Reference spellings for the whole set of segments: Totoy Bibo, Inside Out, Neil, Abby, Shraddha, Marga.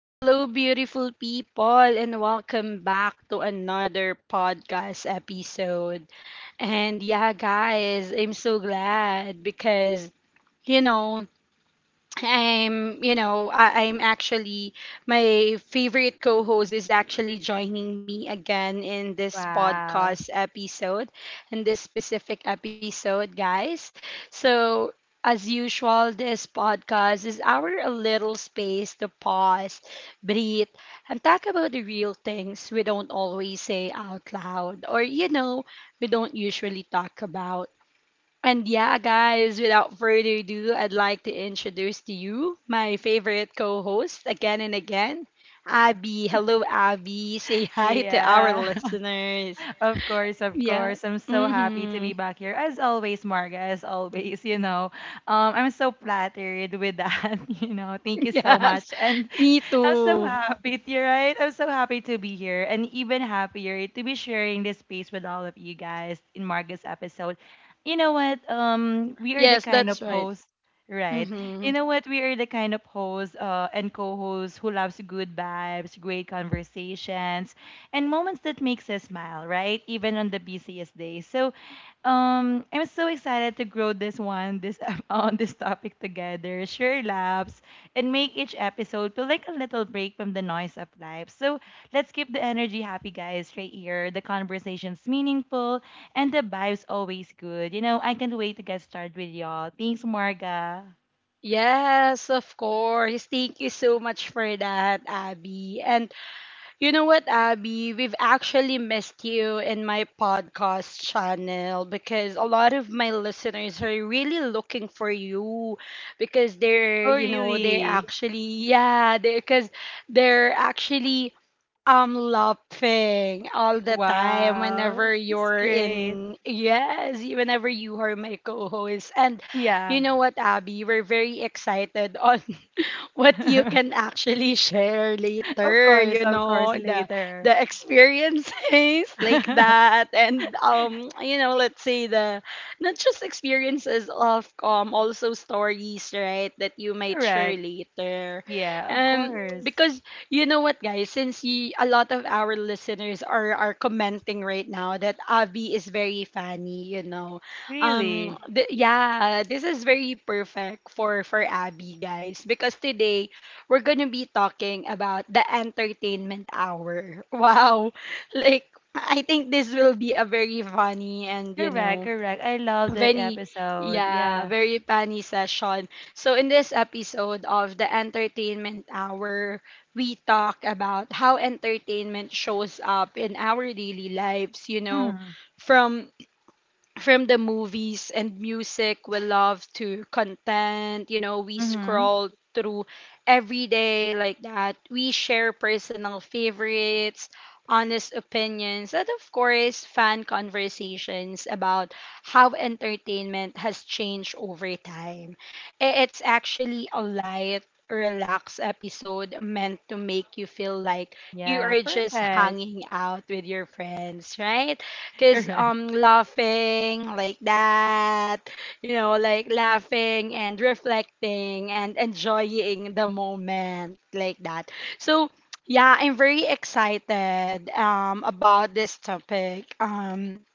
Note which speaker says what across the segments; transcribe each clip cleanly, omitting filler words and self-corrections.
Speaker 1: Hello, beautiful people, and welcome back to another podcast episode. And yeah, guys, I'm so glad because, you know, I'm, you know, I, I'm actually, my favorite co host is actually joining me again in this
Speaker 2: Wow.
Speaker 1: podcast episode, in this specific episode, guys. So, as usual, this podcast is our a little space to pause, breathe, and talk about the real things we don't always say out loud or we don't usually talk about. And yeah, guys, without further ado, I'd like to introduce to you my favorite co host again and again, Abby. Hello, Abby. Say hi to our
Speaker 2: Yeah.
Speaker 1: listeners.
Speaker 2: Of course, of
Speaker 1: Yeah.
Speaker 2: course. I'm so happy to
Speaker 1: Mm-hmm.
Speaker 2: be back here. As always, Marga, as always. I'm so flattered with that, you know. Thank you so
Speaker 1: Yes,
Speaker 2: much. And
Speaker 1: me
Speaker 2: I'm so
Speaker 1: too.
Speaker 2: happy, you're right. I'm so happy to be here and even happier to be sharing this space with all of you guys in Marcus episode. You know what? We are the
Speaker 1: Yes,
Speaker 2: kind
Speaker 1: that's
Speaker 2: of
Speaker 1: right.
Speaker 2: host, right? You know
Speaker 1: Mm-hmm.
Speaker 2: what? We are the kind of host and co-hosts who loves good vibes, great conversations, and moments that makes us smile, right? Even on the busiest days. So, I'm so excited to grow this on this topic together. Share laughs and make each episode feel like a little break from the noise of life. So let's keep the energy happy, guys, right here. The conversation's meaningful and the vibe's always good. I can't wait to get started with y'all. Thanks, Marga.
Speaker 1: Yes, of course. Thank you so much for that, Abby. And you know what, Abby? We've actually missed you in my podcast channel because a lot of my listeners are really looking for you because they're,
Speaker 2: Oh,
Speaker 1: you know, they're
Speaker 2: really?
Speaker 1: actually, yeah, they because they're actually laughing all the time
Speaker 2: Wow.
Speaker 1: whenever
Speaker 2: That's
Speaker 1: you're
Speaker 2: great.
Speaker 1: in, yes, whenever you are my co-host. And you
Speaker 2: Yeah.
Speaker 1: know what, Abby? We're very excited what you can actually share
Speaker 2: Of
Speaker 1: later,
Speaker 2: course,
Speaker 1: you
Speaker 2: of course,
Speaker 1: know,
Speaker 2: later.
Speaker 1: the experiences like that, and you know, let's say the not just experiences of also stories, right, that you might share
Speaker 2: Correct.
Speaker 1: later
Speaker 2: Yeah, of course.
Speaker 1: because you know what, guys, a lot of our listeners are commenting right now that avi is very funny, you know.
Speaker 2: Really.
Speaker 1: Yeah, this is very perfect for Abby, guys, because today we're gonna be talking about the entertainment hour. Wow, like I think this will be a very funny and you
Speaker 2: Correct,
Speaker 1: know
Speaker 2: correct. I love the
Speaker 1: very
Speaker 2: episode.
Speaker 1: yeah,
Speaker 2: Yeah.
Speaker 1: very funny session. So in this episode of the entertainment hour, we talk about how entertainment shows up in our daily lives. You know, from from the movies and music we love to content, you know, we
Speaker 2: Mm-hmm.
Speaker 1: scroll through every day, like that. We share personal favorites, honest opinions, and of course fun conversations about how entertainment has changed over time. It's actually a light, relaxed episode meant to make you feel like you
Speaker 2: Yeah,
Speaker 1: are just
Speaker 2: perfect.
Speaker 1: hanging out with your friends, right? Cause
Speaker 2: Correct.
Speaker 1: laughing like that, you know, like laughing and reflecting and enjoying the moment like that. So yeah, I'm very excited about this topic. Um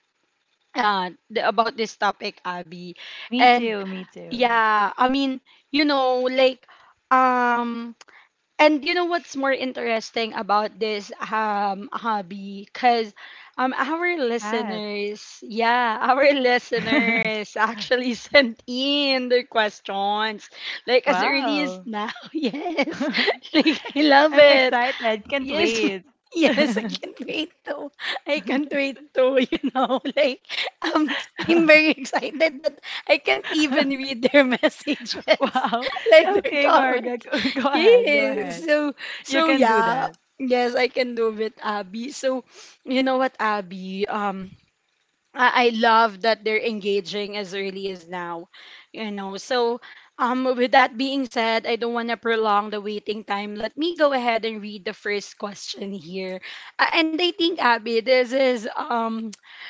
Speaker 1: uh th- About this topic, Abby.
Speaker 2: Me
Speaker 1: And
Speaker 2: too, me too.
Speaker 1: yeah, I mean, you know, like um and you know what's more interesting about this hobby, because our
Speaker 2: Pat.
Speaker 1: listeners, yeah, our listeners actually sent in their questions like as early as
Speaker 2: Wow.
Speaker 1: now. Yes. Like, I love
Speaker 2: I'm
Speaker 1: it.
Speaker 2: excited. Can't
Speaker 1: Yes.
Speaker 2: wait.
Speaker 1: Yes, I can't wait to you know, like um I'm very excited that I can't even read their messages
Speaker 2: Wow.
Speaker 1: like
Speaker 2: Okay, Marga. Go ahead. Go
Speaker 1: Yes.
Speaker 2: ahead.
Speaker 1: So
Speaker 2: You
Speaker 1: so
Speaker 2: can do
Speaker 1: yeah.
Speaker 2: that.
Speaker 1: Yes, I can do it, Abby. So you know what, Abby? I love that they're engaging as early as now. You know, so with that being said, I don't wanna prolong the waiting time. Let me go ahead and read the first question here. And I think, Abby,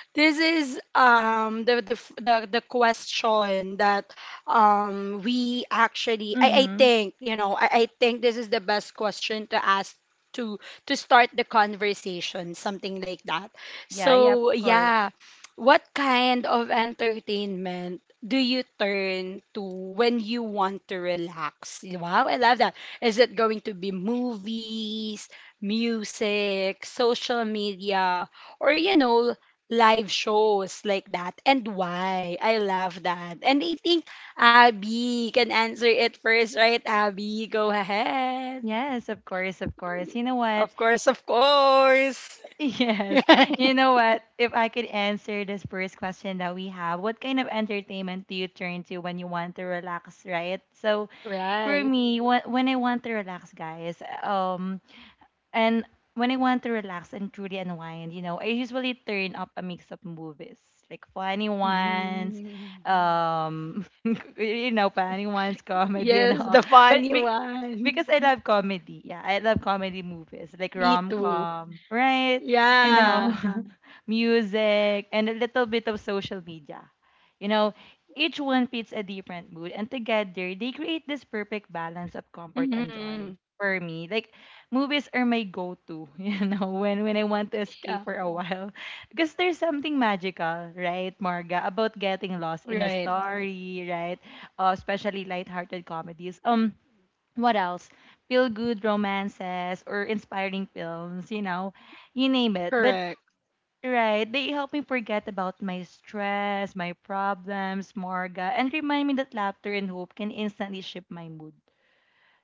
Speaker 1: this is the the question that I
Speaker 2: Mm-hmm.
Speaker 1: think you know I think this is the best question to ask to start the conversation, something like that.
Speaker 2: Yeah,
Speaker 1: So
Speaker 2: yeah, of course.
Speaker 1: yeah, what kind of entertainment do you turn to when you want to relax? Wow, I love that. Is it going to be movies, music, social media? Or you know, live shows like that, and why. I love that. And I think Abby can answer it first, right? Abby, go ahead.
Speaker 2: Yes, of course, of course. You know what?
Speaker 1: Of course, of course.
Speaker 2: Yes. You know what? If I could answer this first question that we have, what kind of entertainment do you turn to when you want to relax, right? So for
Speaker 1: Right.
Speaker 2: me, when I want to relax, guys, and when I want to relax and truly unwind, I usually turn up a mix of movies, like
Speaker 1: Mhm.
Speaker 2: um, funny ones, comedy and
Speaker 1: Yes,
Speaker 2: all.
Speaker 1: the
Speaker 2: But
Speaker 1: funny one.
Speaker 2: because I love comedy. Yeah, I love comedy movies like
Speaker 1: Me
Speaker 2: rom
Speaker 1: too.
Speaker 2: com, right?
Speaker 1: Yeah.
Speaker 2: Yeah. Music and a little bit of social media. You know, each one fits a different mood, and together they create this perfect balance of comfort and joy.
Speaker 1: Hmm.
Speaker 2: For me, like movies are my go-to. When I want to
Speaker 1: Yeah.
Speaker 2: escape for a while, because there's something magical, right, Marga, about getting lost in a
Speaker 1: Right.
Speaker 2: story, right? Especially lighthearted comedies. What else? Feel good romances or inspiring films, you name it. But
Speaker 1: Correct.
Speaker 2: right, they help me forget about my stress, my problems, Marga, and remind me that laughter and hope can instantly shift my mood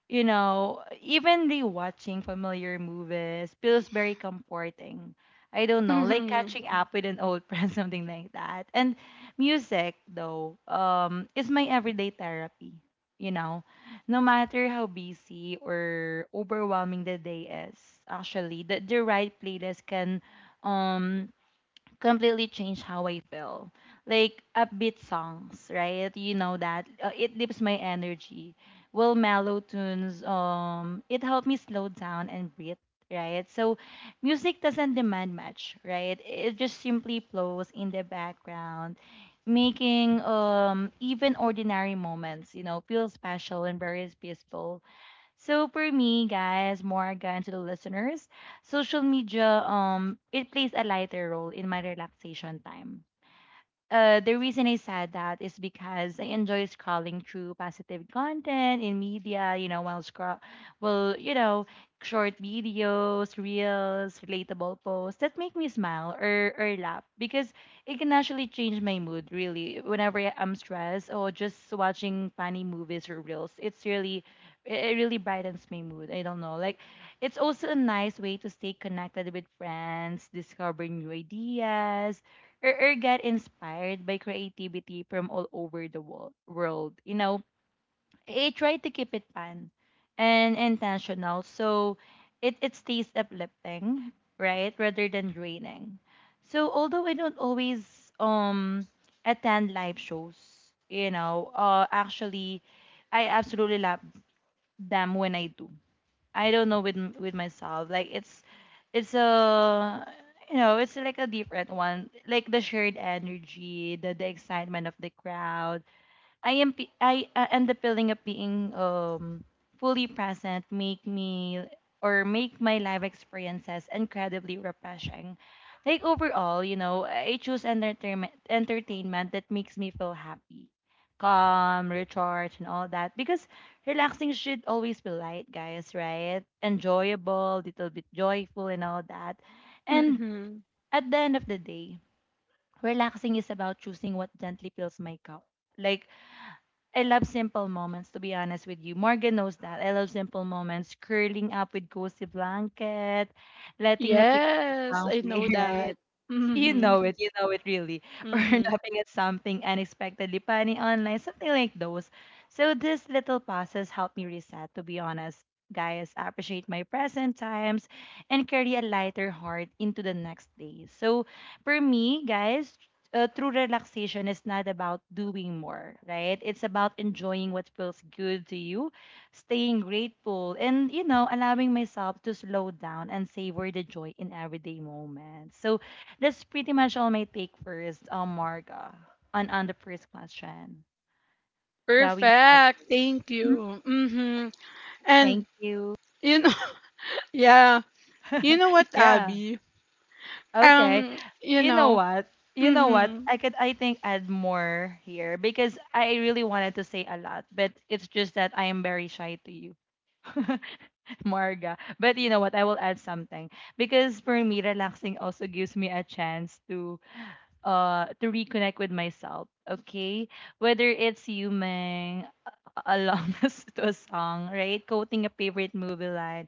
Speaker 2: you know, even rewatching familiar movies feels very comforting. I don't know, like
Speaker 1: Hmm.
Speaker 2: catching up with an old friend, something like that. And music, though, is my everyday therapy. You know, no matter how busy or overwhelming the day is, actually, the right playlist can um completely changed how I feel. Like upbeat songs, right? You know that it lifts my energy. Well, mellow tunes, it helped me slow down and breathe, right? So, music doesn't demand much, right? It just simply flows in the background, making even ordinary moments, feel special and very peaceful. So for me, guys, Morgan, to the listeners, social media it plays a lighter role in my relaxation time. The reason I said that is because I enjoy scrolling through positive content in media, while scroll, well, short videos, reels, relatable posts that make me smile or, laugh because it can actually change my mood really whenever I'm stressed or just watching funny movies or reels. It's really, it really brightens my mood. I don't know. Like, it's also a nice way to stay connected with friends, discover new ideas, got inspired by creativity from all over the world. I try to keep it fun and intentional, so it stays uplifting, right, rather than draining. So although I don't always attend live shows, actually, I absolutely love them when I do. I don't know with with myself. Like it's a it's like a different one. Like the shared energy, the excitement of the crowd, I am pe- I and the feeling of being fully present make me or make my life experiences incredibly refreshing. Like overall, I choose entertainment that makes me feel happy, calm, recharged, and all that. Because relaxing should always be light, guys, right? Enjoyable, little bit joyful, and all that. And
Speaker 1: Hmm.
Speaker 2: at the end of the day, relaxing is about choosing what gently fills my cup. Like I love simple moments, to be honest with you. Morgan knows that. I love simple moments. Curling up with cozy blanket, letting a favorite
Speaker 1: Yes,
Speaker 2: song
Speaker 1: I
Speaker 2: play,
Speaker 1: know
Speaker 2: right?
Speaker 1: that.
Speaker 2: You know
Speaker 1: Hmm.
Speaker 2: it. You know it really. Or
Speaker 1: Hmm.
Speaker 2: laughing at something unexpectedly funny online, something like those. So these little pauses help me reset, to be honest. Guys, I appreciate my present times and carry a lighter heart into the next day. So for me, guys, true relaxation is not about doing more, right? It's about enjoying what feels good to you, staying grateful, and, allowing myself to slow down and savor the joy in everyday moments. So that's pretty much all my take first, Marga, on the first question that we have.
Speaker 1: Perfect. Thank
Speaker 2: Mhm.
Speaker 1: you. Mm-hmm.
Speaker 2: Thank
Speaker 1: And
Speaker 2: you.
Speaker 1: you know, yeah. You know what,
Speaker 2: Yeah.
Speaker 1: Abby?
Speaker 2: Okay.
Speaker 1: Um, you
Speaker 2: You know
Speaker 1: know.
Speaker 2: what? You know what?
Speaker 1: Mm-hmm.
Speaker 2: I think add more here because I really wanted to say a lot, but it's just that I am very shy to you, Marga. But you know what? I will add something because for me, relaxing also gives me a chance to to reconnect with myself. Okay, whether it's humming along to a song, right, quoting a favorite movie line,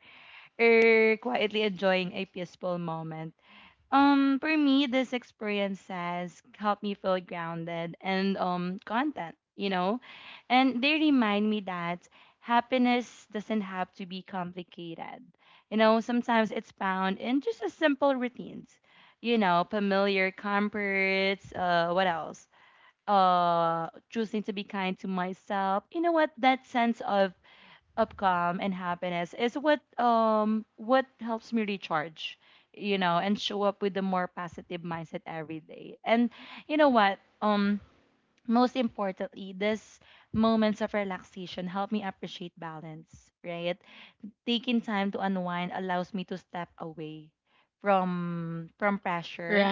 Speaker 2: or quietly enjoying a peaceful moment. For me, this experience has helped me feel grounded and content, and they remind me that happiness doesn't have to be complicated. Sometimes it's found in just a simple routines, familiar comforts. What else? Choosing to be kind to myself. You know what? That sense of calm and happiness is what helps me recharge. And show up with a more positive mindset every day. And you know what, most importantly, these moments of relaxation help me appreciate balance, right? Taking time to unwind allows me to step away from
Speaker 1: Right.
Speaker 2: pressure,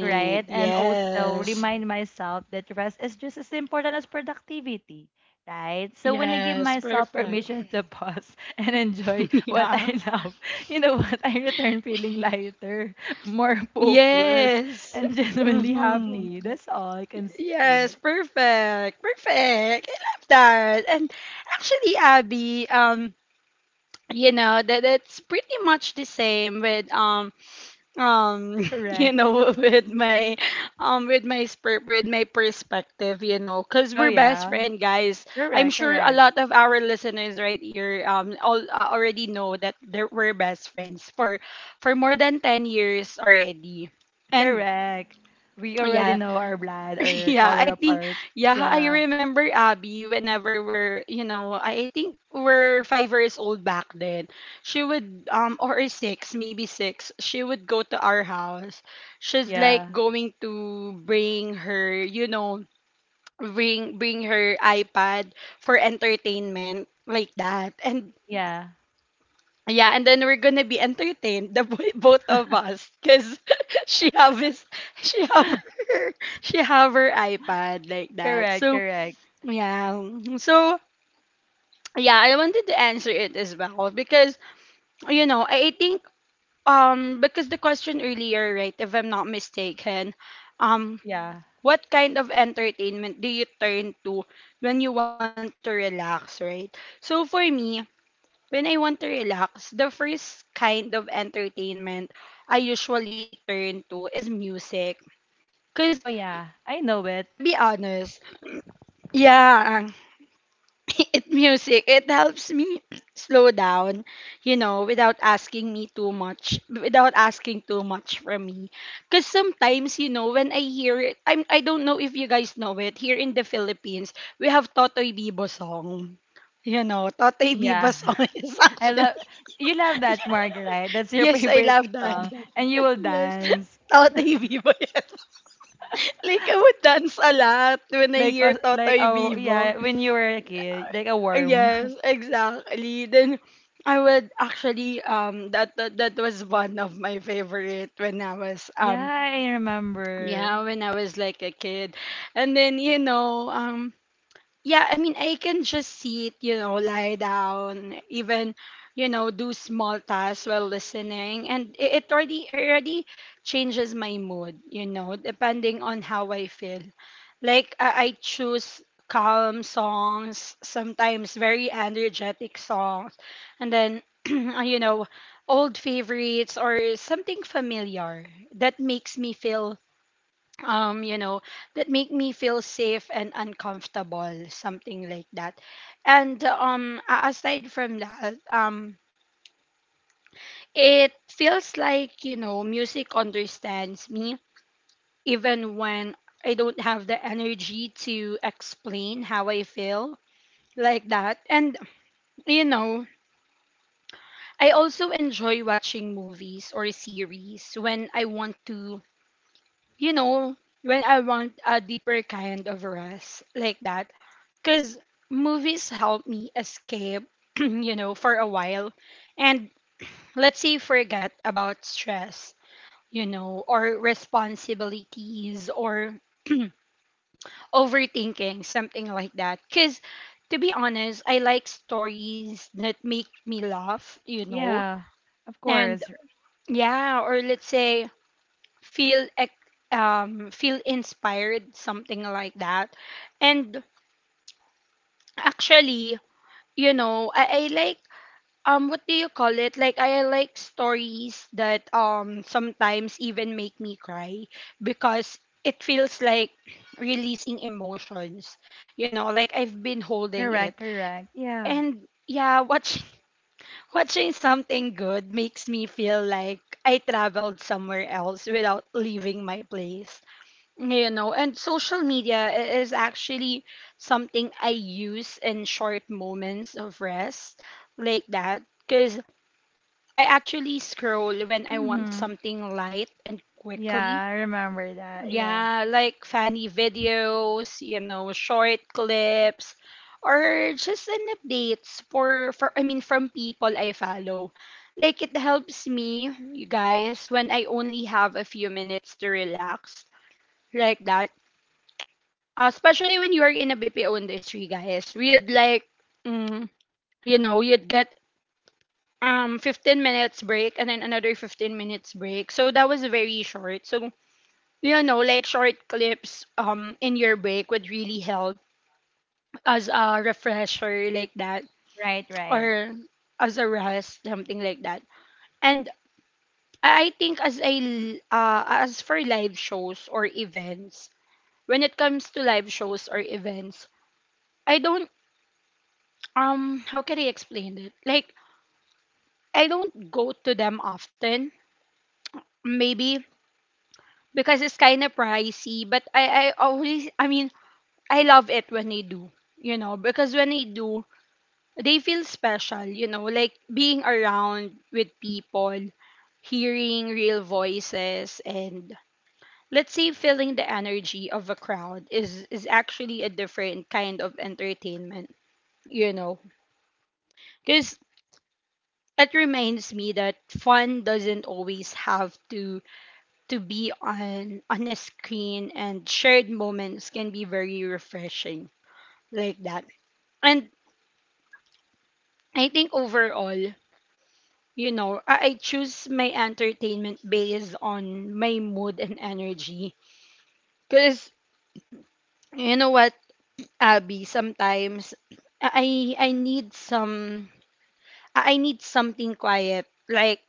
Speaker 2: right? And Mm-hmm. And
Speaker 1: Yeah.
Speaker 2: also remind myself that rest is just as important as productivity, right? So when I give
Speaker 1: Yes.
Speaker 2: myself
Speaker 1: Perfect.
Speaker 2: permission to pause and enjoy what
Speaker 1: Yeah.
Speaker 2: I love, you know what? I return feeling lighter, more focused,
Speaker 1: Yes.
Speaker 2: and genuinely
Speaker 1: Mm-hmm.
Speaker 2: happy. That's all I can
Speaker 1: Yes.
Speaker 2: say.
Speaker 1: Perfect. Perfect. I love that. And actually, Abby. You know that that's pretty much the same with um you
Speaker 2: Correct.
Speaker 1: know, with my with my perspective, you know, because
Speaker 2: Oh,
Speaker 1: we're best
Speaker 2: yeah.
Speaker 1: friend guys. I'm
Speaker 2: Correct,
Speaker 1: sure a
Speaker 2: correct,
Speaker 1: lot of our listeners right here all already know that we're best friends for more than 10 years already. And
Speaker 2: correct. We already
Speaker 1: yeah,
Speaker 2: know our blood or
Speaker 1: yeah,
Speaker 2: color
Speaker 1: I
Speaker 2: of
Speaker 1: think
Speaker 2: our.
Speaker 1: yeah, I
Speaker 2: Yeah,
Speaker 1: remember, Abby, whenever we're, you know, I think we're 5 years old back then. She would or six, maybe six, she would go to our house. She's like
Speaker 2: yeah,
Speaker 1: going to bring her, you know, bring her iPad for entertainment like that. And
Speaker 2: yeah.
Speaker 1: yeah, and then we're gonna be entertained, the both of us, because she have his, she have her, she have her iPad like that.
Speaker 2: Correct,
Speaker 1: So
Speaker 2: correct.
Speaker 1: yeah, so yeah, I wanted to answer it as well because you know I think because the question earlier, right? If I'm not mistaken, um,
Speaker 2: Yeah.
Speaker 1: what kind of entertainment do you turn to when you want to relax, right? So for me, when I want to relax, the first kind of entertainment I usually turn to is music. Because,
Speaker 2: Oh yeah, I know it.
Speaker 1: to be honest, yeah, it music, it helps me slow down, you know, without asking me too much, without asking too much from me. Because sometimes, you know, when I hear it, I don't know if you guys know it, here in the Philippines, we have Totoy Bibo song. You know, Totoy
Speaker 2: Yeah.
Speaker 1: Bibo song is
Speaker 2: I
Speaker 1: actually
Speaker 2: love You love that Marg, right? That's your
Speaker 1: Yes, I
Speaker 2: favorite
Speaker 1: love that.
Speaker 2: song and you will
Speaker 1: Yes,
Speaker 2: dance.
Speaker 1: Totoy Vivo, yes. Like, I would dance a lot when I
Speaker 2: Like
Speaker 1: hear
Speaker 2: uh, like
Speaker 1: Totoy
Speaker 2: oh
Speaker 1: Vivo.
Speaker 2: yeah, when you were a kid, like a worm.
Speaker 1: Yes, exactly. Then, I would actually, that was one of my favorite when I was,
Speaker 2: Yeah, I remember.
Speaker 1: yeah, when I was like a kid. And then, you know, yeah, I mean, I can just sit, you know, lie down, even, you know, do small tasks while listening. And it already changes my mood, you know, depending on how I feel. Like I choose calm songs, sometimes very energetic songs, and then you know, old favorites or something familiar that makes me feel you know, that make me feel safe and uncomfortable, something like that. And aside from that, it feels like, you know, music understands me even when I don't have the energy to explain how I feel, like that. And you know, I also enjoy watching movies or series when I want to, you know, when I want a deeper kind of rest like that, because movies help me escape, you know, for a while and let's say forget about stress, you know, or responsibilities or overthinking, something like that. Because to be honest, I like stories that make me laugh, you know,
Speaker 2: Yeah. Of
Speaker 1: and
Speaker 2: course.
Speaker 1: yeah, or let's say feel ec- feel inspired, something like that. And actually, you know, I like what do you call it, like I like stories that sometimes even make me cry because it feels like releasing emotions, you know, like I've been holding it.
Speaker 2: Correct, correct. Yeah.
Speaker 1: And yeah, watching watching something good makes me feel like I traveled somewhere else without leaving my place, you know. And social media is actually something I use in short moments of rest like that, because I actually scroll when I want
Speaker 2: Mhm.
Speaker 1: something light and quickly,
Speaker 2: Yeah, I remember that. Yeah.
Speaker 1: yeah, like funny videos, you know, short clips, or just an updates for from people I follow. Like it helps me, you guys, when I only have a few minutes to relax like that. Uh, especially when you are in a BPO industry, guys, we'd like, mm, you know, you'd get 15 minutes break and then another 15 minutes break. So that was very short. So you know, like short clips in your break would really help as a refresher like that,
Speaker 2: Right, right.
Speaker 1: or as a rest, something like that. And I think as for live shows or events, when it comes to live shows or events, I don't how can I explain it, like I don't go to them often, maybe because it's kind of pricey, but I always I mean I love it when they do, you know, because when they do, they feel special, you know, like being around with people, hearing real voices, and let's say feeling the energy of a crowd is actually a different kind of entertainment, you know, because it reminds me that fun doesn't always have to be on a screen, and shared moments can be very refreshing like that. And I think overall, you know, I choose my entertainment based on my mood and energy, because you know what, Abby, sometimes i i need some i I need something quiet like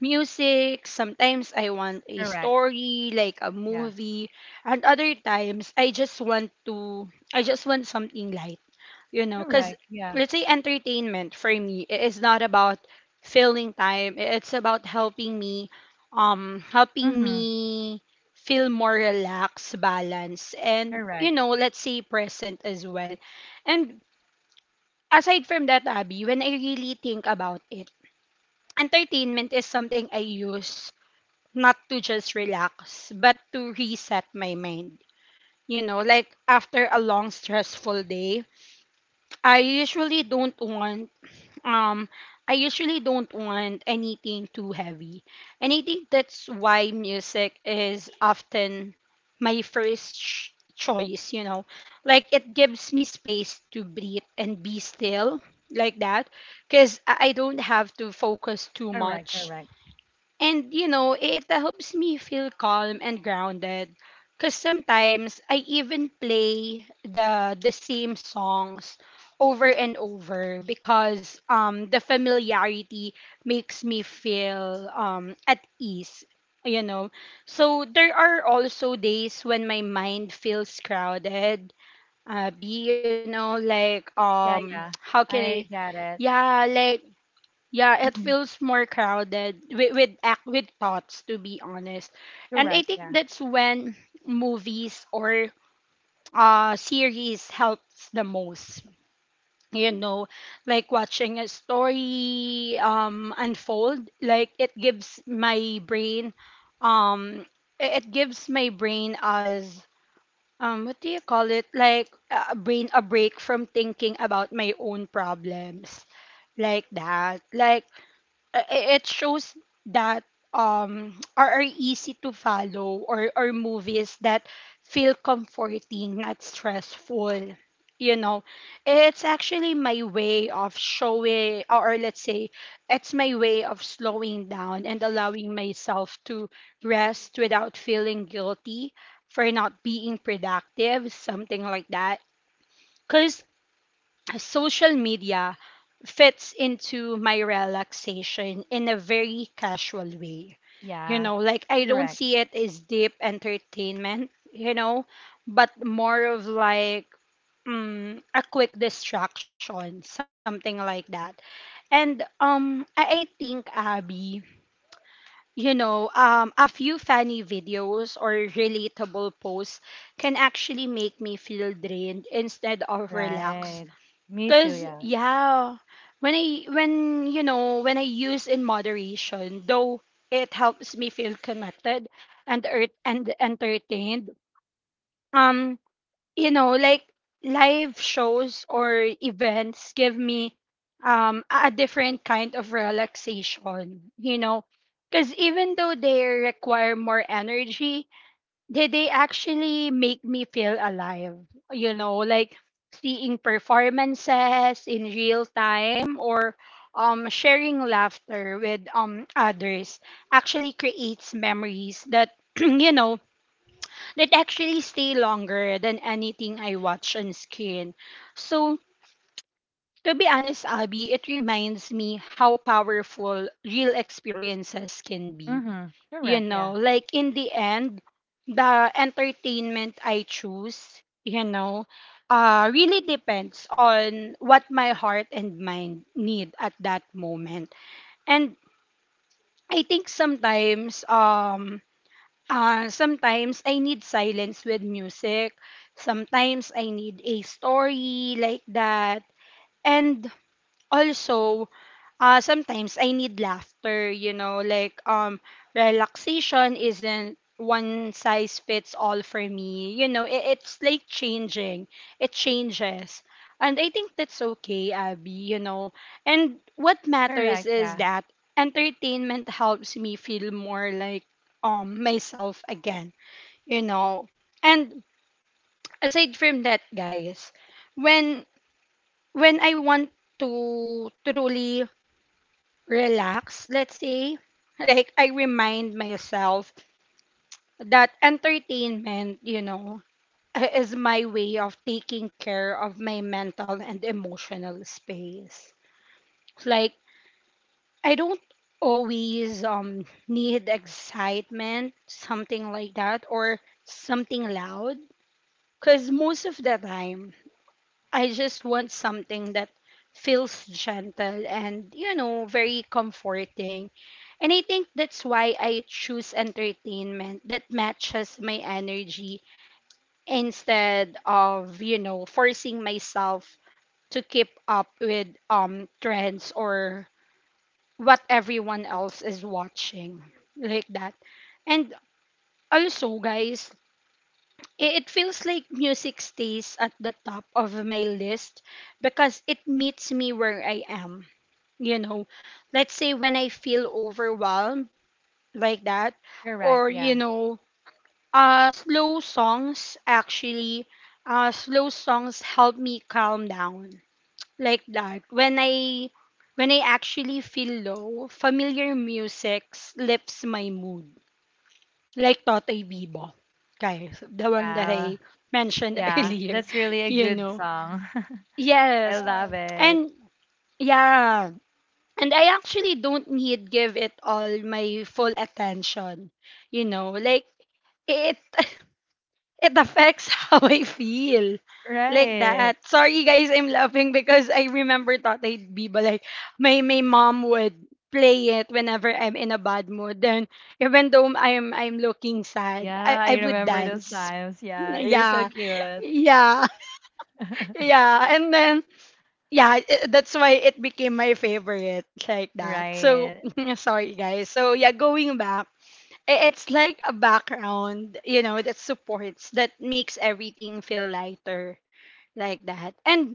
Speaker 1: music. Sometimes I want a
Speaker 2: Correct.
Speaker 1: story like a
Speaker 2: Yeah.
Speaker 1: movie, and other times I just want something light, you know, cuz
Speaker 2: Correct. Yeah.
Speaker 1: let's say entertainment for me it is not about filling time. It's about helping
Speaker 2: Mhm.
Speaker 1: me feel more relaxed, balanced, and
Speaker 2: Correct.
Speaker 1: you know, let's say present as well. And aside from that, Abby, when I really think about it, entertainment is something I use not to just relax, but to reset my mind. You know, like after a long stressful day, I usually don't want um I usually don't want anything too heavy. And I think that's why music is often my choice, you know. Like it gives me space to breathe and be still like that because I don't have to focus too
Speaker 2: Correct,
Speaker 1: much
Speaker 2: correct.
Speaker 1: and you know, it helps me feel calm and grounded. Cause sometimes I even play the same songs over and over because the familiarity makes me feel at ease, you know. So there are also days when my mind feels crowded. Be you know like
Speaker 2: Yeah, yeah.
Speaker 1: how can I
Speaker 2: I get it.
Speaker 1: yeah like Yeah, it
Speaker 2: Mhm.
Speaker 1: feels more crowded with act with thoughts to be honest. And I
Speaker 2: Correct.
Speaker 1: think
Speaker 2: Yeah.
Speaker 1: that's when movies or series helps the most. You know, like watching a story unfold, like it gives my brain um I- it gives my brain as what do you call it? Like a break from thinking about my own problems like that. Like it shows that are easy to follow or movies that feel comforting not stressful, you know. It's actually my way of showing or let's say it's my way of slowing down and allowing myself to rest without feeling guilty for not being productive, something like that. Cuz social media fits into my relaxation in a very casual way.
Speaker 2: Yeah,
Speaker 1: You know, like I
Speaker 2: correct.
Speaker 1: don't see it as deep entertainment, you know, but more of like a quick distraction, something like that. And I think Abby, you know, a few funny videos or relatable posts can actually make me feel drained instead of relaxed.
Speaker 2: Right. Me too,
Speaker 1: Cause
Speaker 2: yeah.
Speaker 1: yeah, when I when you know when I use in moderation, though, it helps me feel connected and entertained. Um, you know, like live shows or events give me a different kind of relaxation. You know, because even though they require more energy, they actually make me feel alive. You know, like seeing performances in real time or sharing laughter with others actually creates memories that, you know, that actually stay longer than anything I watch on screen. So, to be honest, Abby, it reminds me how powerful real experiences can be,
Speaker 2: Mm-hmm.
Speaker 1: you
Speaker 2: Correct, yeah.
Speaker 1: know. Like in the end, the entertainment I choose, you know, really depends on what my heart and mind need at that moment. And I think sometimes I need silence with music, sometimes I need a story like that. And also, sometimes I need laughter, you know, like relaxation isn't one size fits all for me. You know, it's like changing. It changes. And I think that's okay, Abby, you know. And what matters
Speaker 2: Correct,
Speaker 1: is
Speaker 2: yeah.
Speaker 1: that entertainment helps me feel more like myself again, you know. And aside from that, guys, when I want to truly relax, let's say. Like, I remind myself that entertainment, you know, is my way of taking care of my mental and emotional space. Like, I don't always need excitement, something like that, or something loud. Because most of the time, I just want something that feels gentle and, you know, very comforting. And I think that's why I choose entertainment that matches my energy instead of, you know, forcing myself to keep up with trends or what everyone else is watching like that. And also, guys, it feels like music stays at the top of my list because it meets me where I am. You know, let's say when I feel overwhelmed like that,
Speaker 2: Correct,
Speaker 1: or
Speaker 2: yeah.
Speaker 1: you know, uh, slow songs actually, slow songs help me calm down like that. When I actually feel low, familiar music lifts my mood, like Totoy Bibo, guys, the one that
Speaker 2: Wow.
Speaker 1: I mentioned
Speaker 2: Yeah,
Speaker 1: earlier,
Speaker 2: that's really a
Speaker 1: you
Speaker 2: good
Speaker 1: know.
Speaker 2: song. I
Speaker 1: Yes.
Speaker 2: love it.
Speaker 1: And yeah, and I actually don't need give it all my full attention, you know, like it it affects how I feel. Like
Speaker 2: Right.
Speaker 1: that. Sorry guys, I'm laughing because I remember Totoy Bibo, like my mom would play it whenever I'm in a bad mood. Then even though I'm looking sad,
Speaker 2: Yeah, I
Speaker 1: I would
Speaker 2: remember
Speaker 1: dance.
Speaker 2: those times. Yeah, you're so
Speaker 1: Yeah,
Speaker 2: cute.
Speaker 1: yeah, yeah. And then, yeah, that's why it became my favorite, like that. So,
Speaker 2: Right.
Speaker 1: sorry, guys. So, yeah, going back, it's like a background, you know, that supports, that makes everything feel lighter, like that. And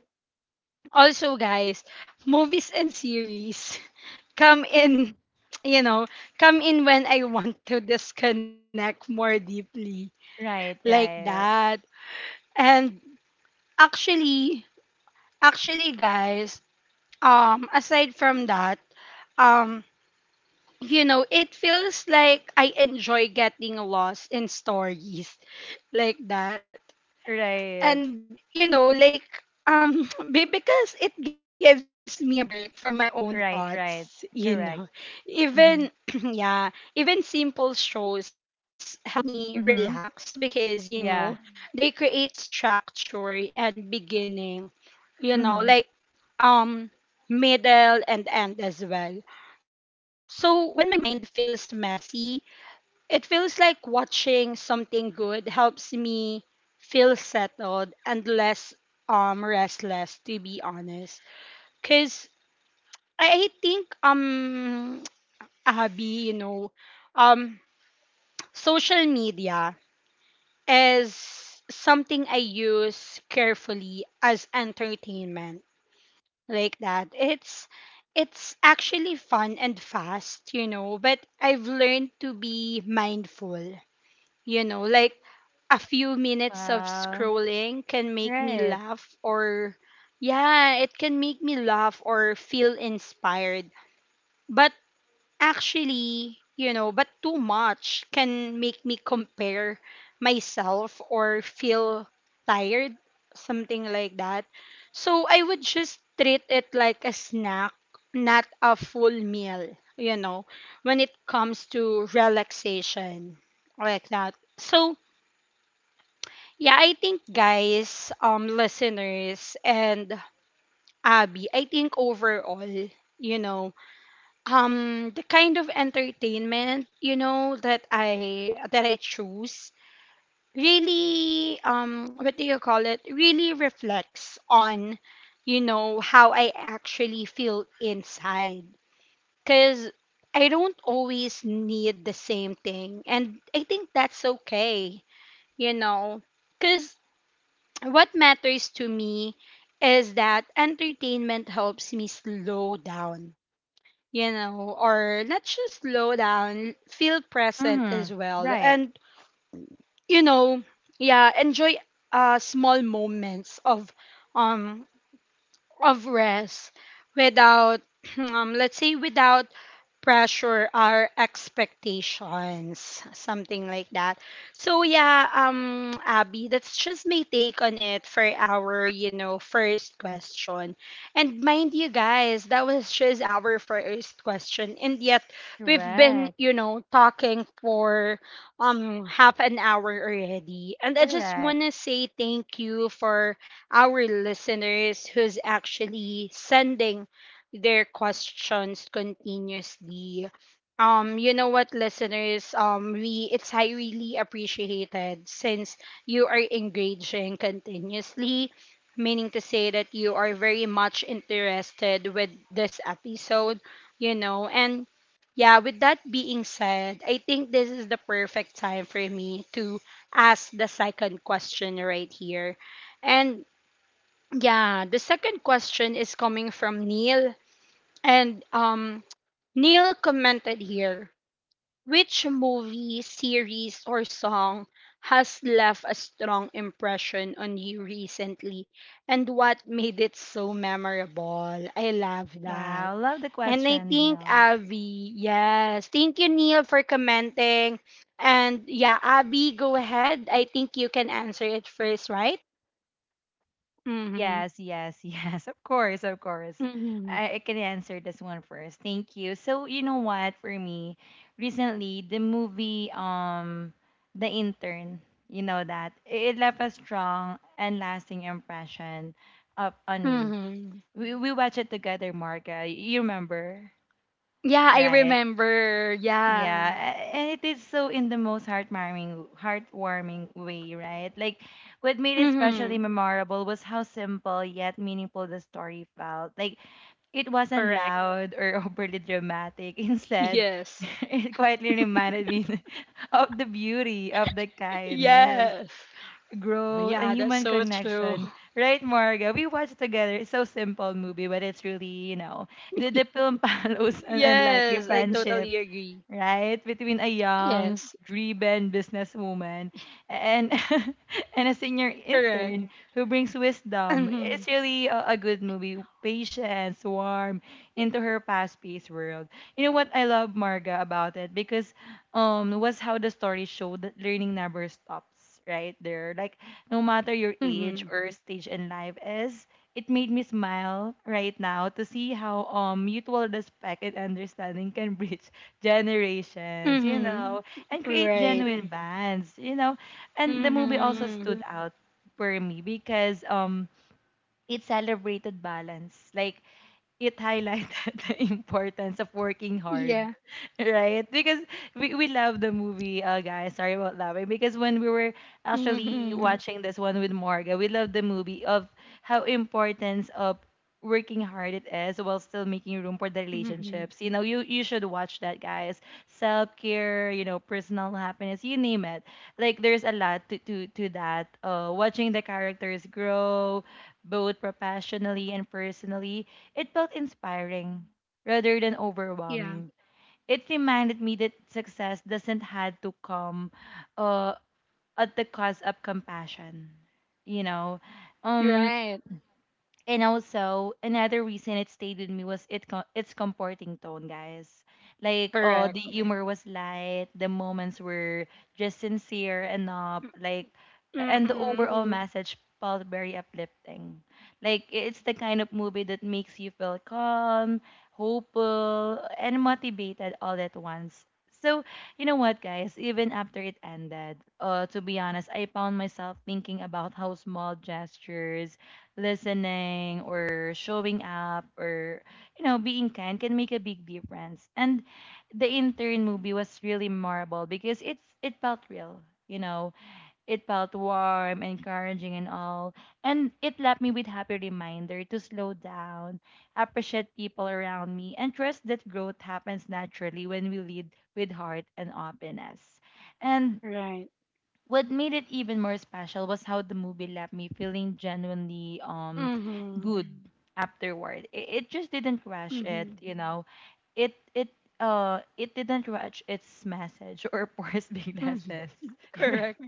Speaker 1: also, guys, movies and series come in, you know, come in when I want to disconnect more deeply,
Speaker 2: Right,
Speaker 1: like
Speaker 2: right.
Speaker 1: that. And actually, Actually, guys, um, aside from that, um, you know, it feels like I enjoy getting lost in stories like that.
Speaker 2: Right.
Speaker 1: And, you know, like, um, because it gives me a break from my own
Speaker 2: Right, right.
Speaker 1: thoughts, you know.
Speaker 2: Correct. Mm-hmm.
Speaker 1: Even, yeah, even simple shows help me
Speaker 2: Mm-hmm.
Speaker 1: relax because, you know,
Speaker 2: Yeah.
Speaker 1: they create structure and beginning, you know,
Speaker 2: Mm-hmm.
Speaker 1: like, um middle and end as well. So when my mind feels messy, it feels like watching something good helps me feel settled and less restless, to be honest. Cause I think Abby, you know, um social media is something I use carefully as entertainment like that. It's actually fun and fast, you know, but I've learned to be mindful, you know, like a few minutes of
Speaker 2: Wow.
Speaker 1: scrolling can make me
Speaker 2: Right.
Speaker 1: laugh or yeah, it can make me laugh or feel inspired. But actually, you know, but too much can make me compare myself or feel tired, something like that. So I would just treat it like a snack, not a full meal, you know, when it comes to relaxation, like that. So, yeah, I think guys, listeners and Abby, I think overall, you know, the kind of entertainment, you know, that I choose really what do you call it, really reflects on, you know, how I actually feel inside. Cuz I don't always need the same thing and I think that's okay, you know. Cuz what matters to me is that entertainment helps me slow down, you know, or let's just slow down, feel present as
Speaker 2: Mm-hmm.
Speaker 1: well.
Speaker 2: Right.
Speaker 1: And, you know, yeah, enjoy small moments of um rest without, let's say, without pressure or expectations, something like that. So yeah, Abby, that's just my take on it for our, you know, first question. And mind you guys, that was just our first question, and yet we've been,
Speaker 2: Correct.
Speaker 1: you know, talking for half an hour already. And I just
Speaker 2: Correct.
Speaker 1: wanna say thank you for our listeners who's actually sending their questions continuously. You know what, listeners? We It's highly appreciated since you are engaging continuously, meaning to say that you are very much interested with this episode, you know. And yeah, with that being said, I think this is the perfect time for me to ask the second question right here. And yeah, the second question is coming from Neil. And Neil commented here, which movie, series, or song has left a strong impression on you recently? And what made it so memorable? I love that.
Speaker 2: Wow, love the
Speaker 1: And I
Speaker 2: question,
Speaker 1: think
Speaker 2: Nell.
Speaker 1: Abby, yes. Thank you, Neil, for commenting. And yeah, Abby, go ahead. I think you can answer it first, right? Mm-hmm.
Speaker 2: Yes, yes, yes. Of course, of course.
Speaker 1: Mm-hmm.
Speaker 2: I can answer this one first. Thank you. So you know what? For me, recently the movie The Intern, you know that it left a strong and lasting impression of on me.
Speaker 1: Mm-hmm.
Speaker 2: We watched it together, Marga. You remember,
Speaker 1: Yeah, I
Speaker 2: right?
Speaker 1: remember.
Speaker 2: Yeah,
Speaker 1: Yeah.
Speaker 2: and it is so in the most heartwarming, heartwarming way, right? Like, what made it
Speaker 1: Mm-hmm.
Speaker 2: especially memorable was how simple yet meaningful the story felt. Like, it wasn't
Speaker 1: Correct.
Speaker 2: loud or overly dramatic. Instead,
Speaker 1: Yes.
Speaker 2: it quietly reminded me of the beauty of the kindness,
Speaker 1: Yes.
Speaker 2: growth, and
Speaker 1: Yeah, that's
Speaker 2: human
Speaker 1: so true.
Speaker 2: connection. Right, Marga? We watched together. It's so simple movie, but it's
Speaker 1: Yes, I
Speaker 2: really,
Speaker 1: totally
Speaker 2: the
Speaker 1: agree.
Speaker 2: film follows an unlikely friendship
Speaker 1: Yes.
Speaker 2: right? Between a young, driven businesswoman and
Speaker 1: Correct.
Speaker 2: and a senior intern who brings
Speaker 1: Mm-hmm.
Speaker 2: wisdom. It's really a good movie. Patience, warm into her fast-paced world. You know what I love Marga about it because was how the story showed that learning never stops, right? There, like no matter your age
Speaker 1: Mm-hmm.
Speaker 2: or stage in life is. It made me smile right now to see how mutual respect and understanding can bridge generations, you
Speaker 1: Mm-hmm.
Speaker 2: know, and create
Speaker 1: Right.
Speaker 2: genuine bands, you know. And the movie also stood
Speaker 1: Mm-hmm.
Speaker 2: out for me because it celebrated balance. Like it highlighted the importance of working hard,
Speaker 1: Yeah.
Speaker 2: right? Because we love the movie, guys. Sorry about that. Right? Because when we were actually
Speaker 1: Mm-hmm.
Speaker 2: watching this one with Morgan, we love the movie of how importance of working hard it is while still making room for the
Speaker 1: Mm-hmm.
Speaker 2: relationships. You know, you should watch that, guys. Self-care, you know, personal happiness, you name it. Like, there's a lot to that. Watching the characters grow, both professionally and personally, it felt inspiring rather than
Speaker 1: Yeah.
Speaker 2: overwhelming. It reminded me that success doesn't have to come uh, at the cost of compassion. You know, um,
Speaker 1: Right.
Speaker 2: and also, another reason it stayed with me was its comforting tone, guys. Like, oh,
Speaker 1: Correct.
Speaker 2: the humor was light, the moments were just sincere enough, like, and the
Speaker 1: Mm-hmm.
Speaker 2: overall message felt very uplifting. Like, it's the kind of movie that makes you feel calm, hopeful, and motivated all at once. So, you know what, guys? Even after it ended, to be honest, I found myself thinking about how small gestures, listening or showing up or you know being kind, can make a big difference. And the intern movie was really memorable because it felt real. You know it felt warm, encouraging, and all, and it left me with happy reminder to slow down, appreciate people around me, and trust that growth happens naturally when we lead with heart and openness. And
Speaker 1: Right.
Speaker 2: what made it even more special was how the movie left me feeling genuinely
Speaker 1: Mm-hmm.
Speaker 2: good afterward. It just didn't rush it,
Speaker 1: Mm-hmm.
Speaker 2: you know. It it it didn't rush its message or force big
Speaker 1: Mm-hmm.
Speaker 2: lessons.
Speaker 1: Correct.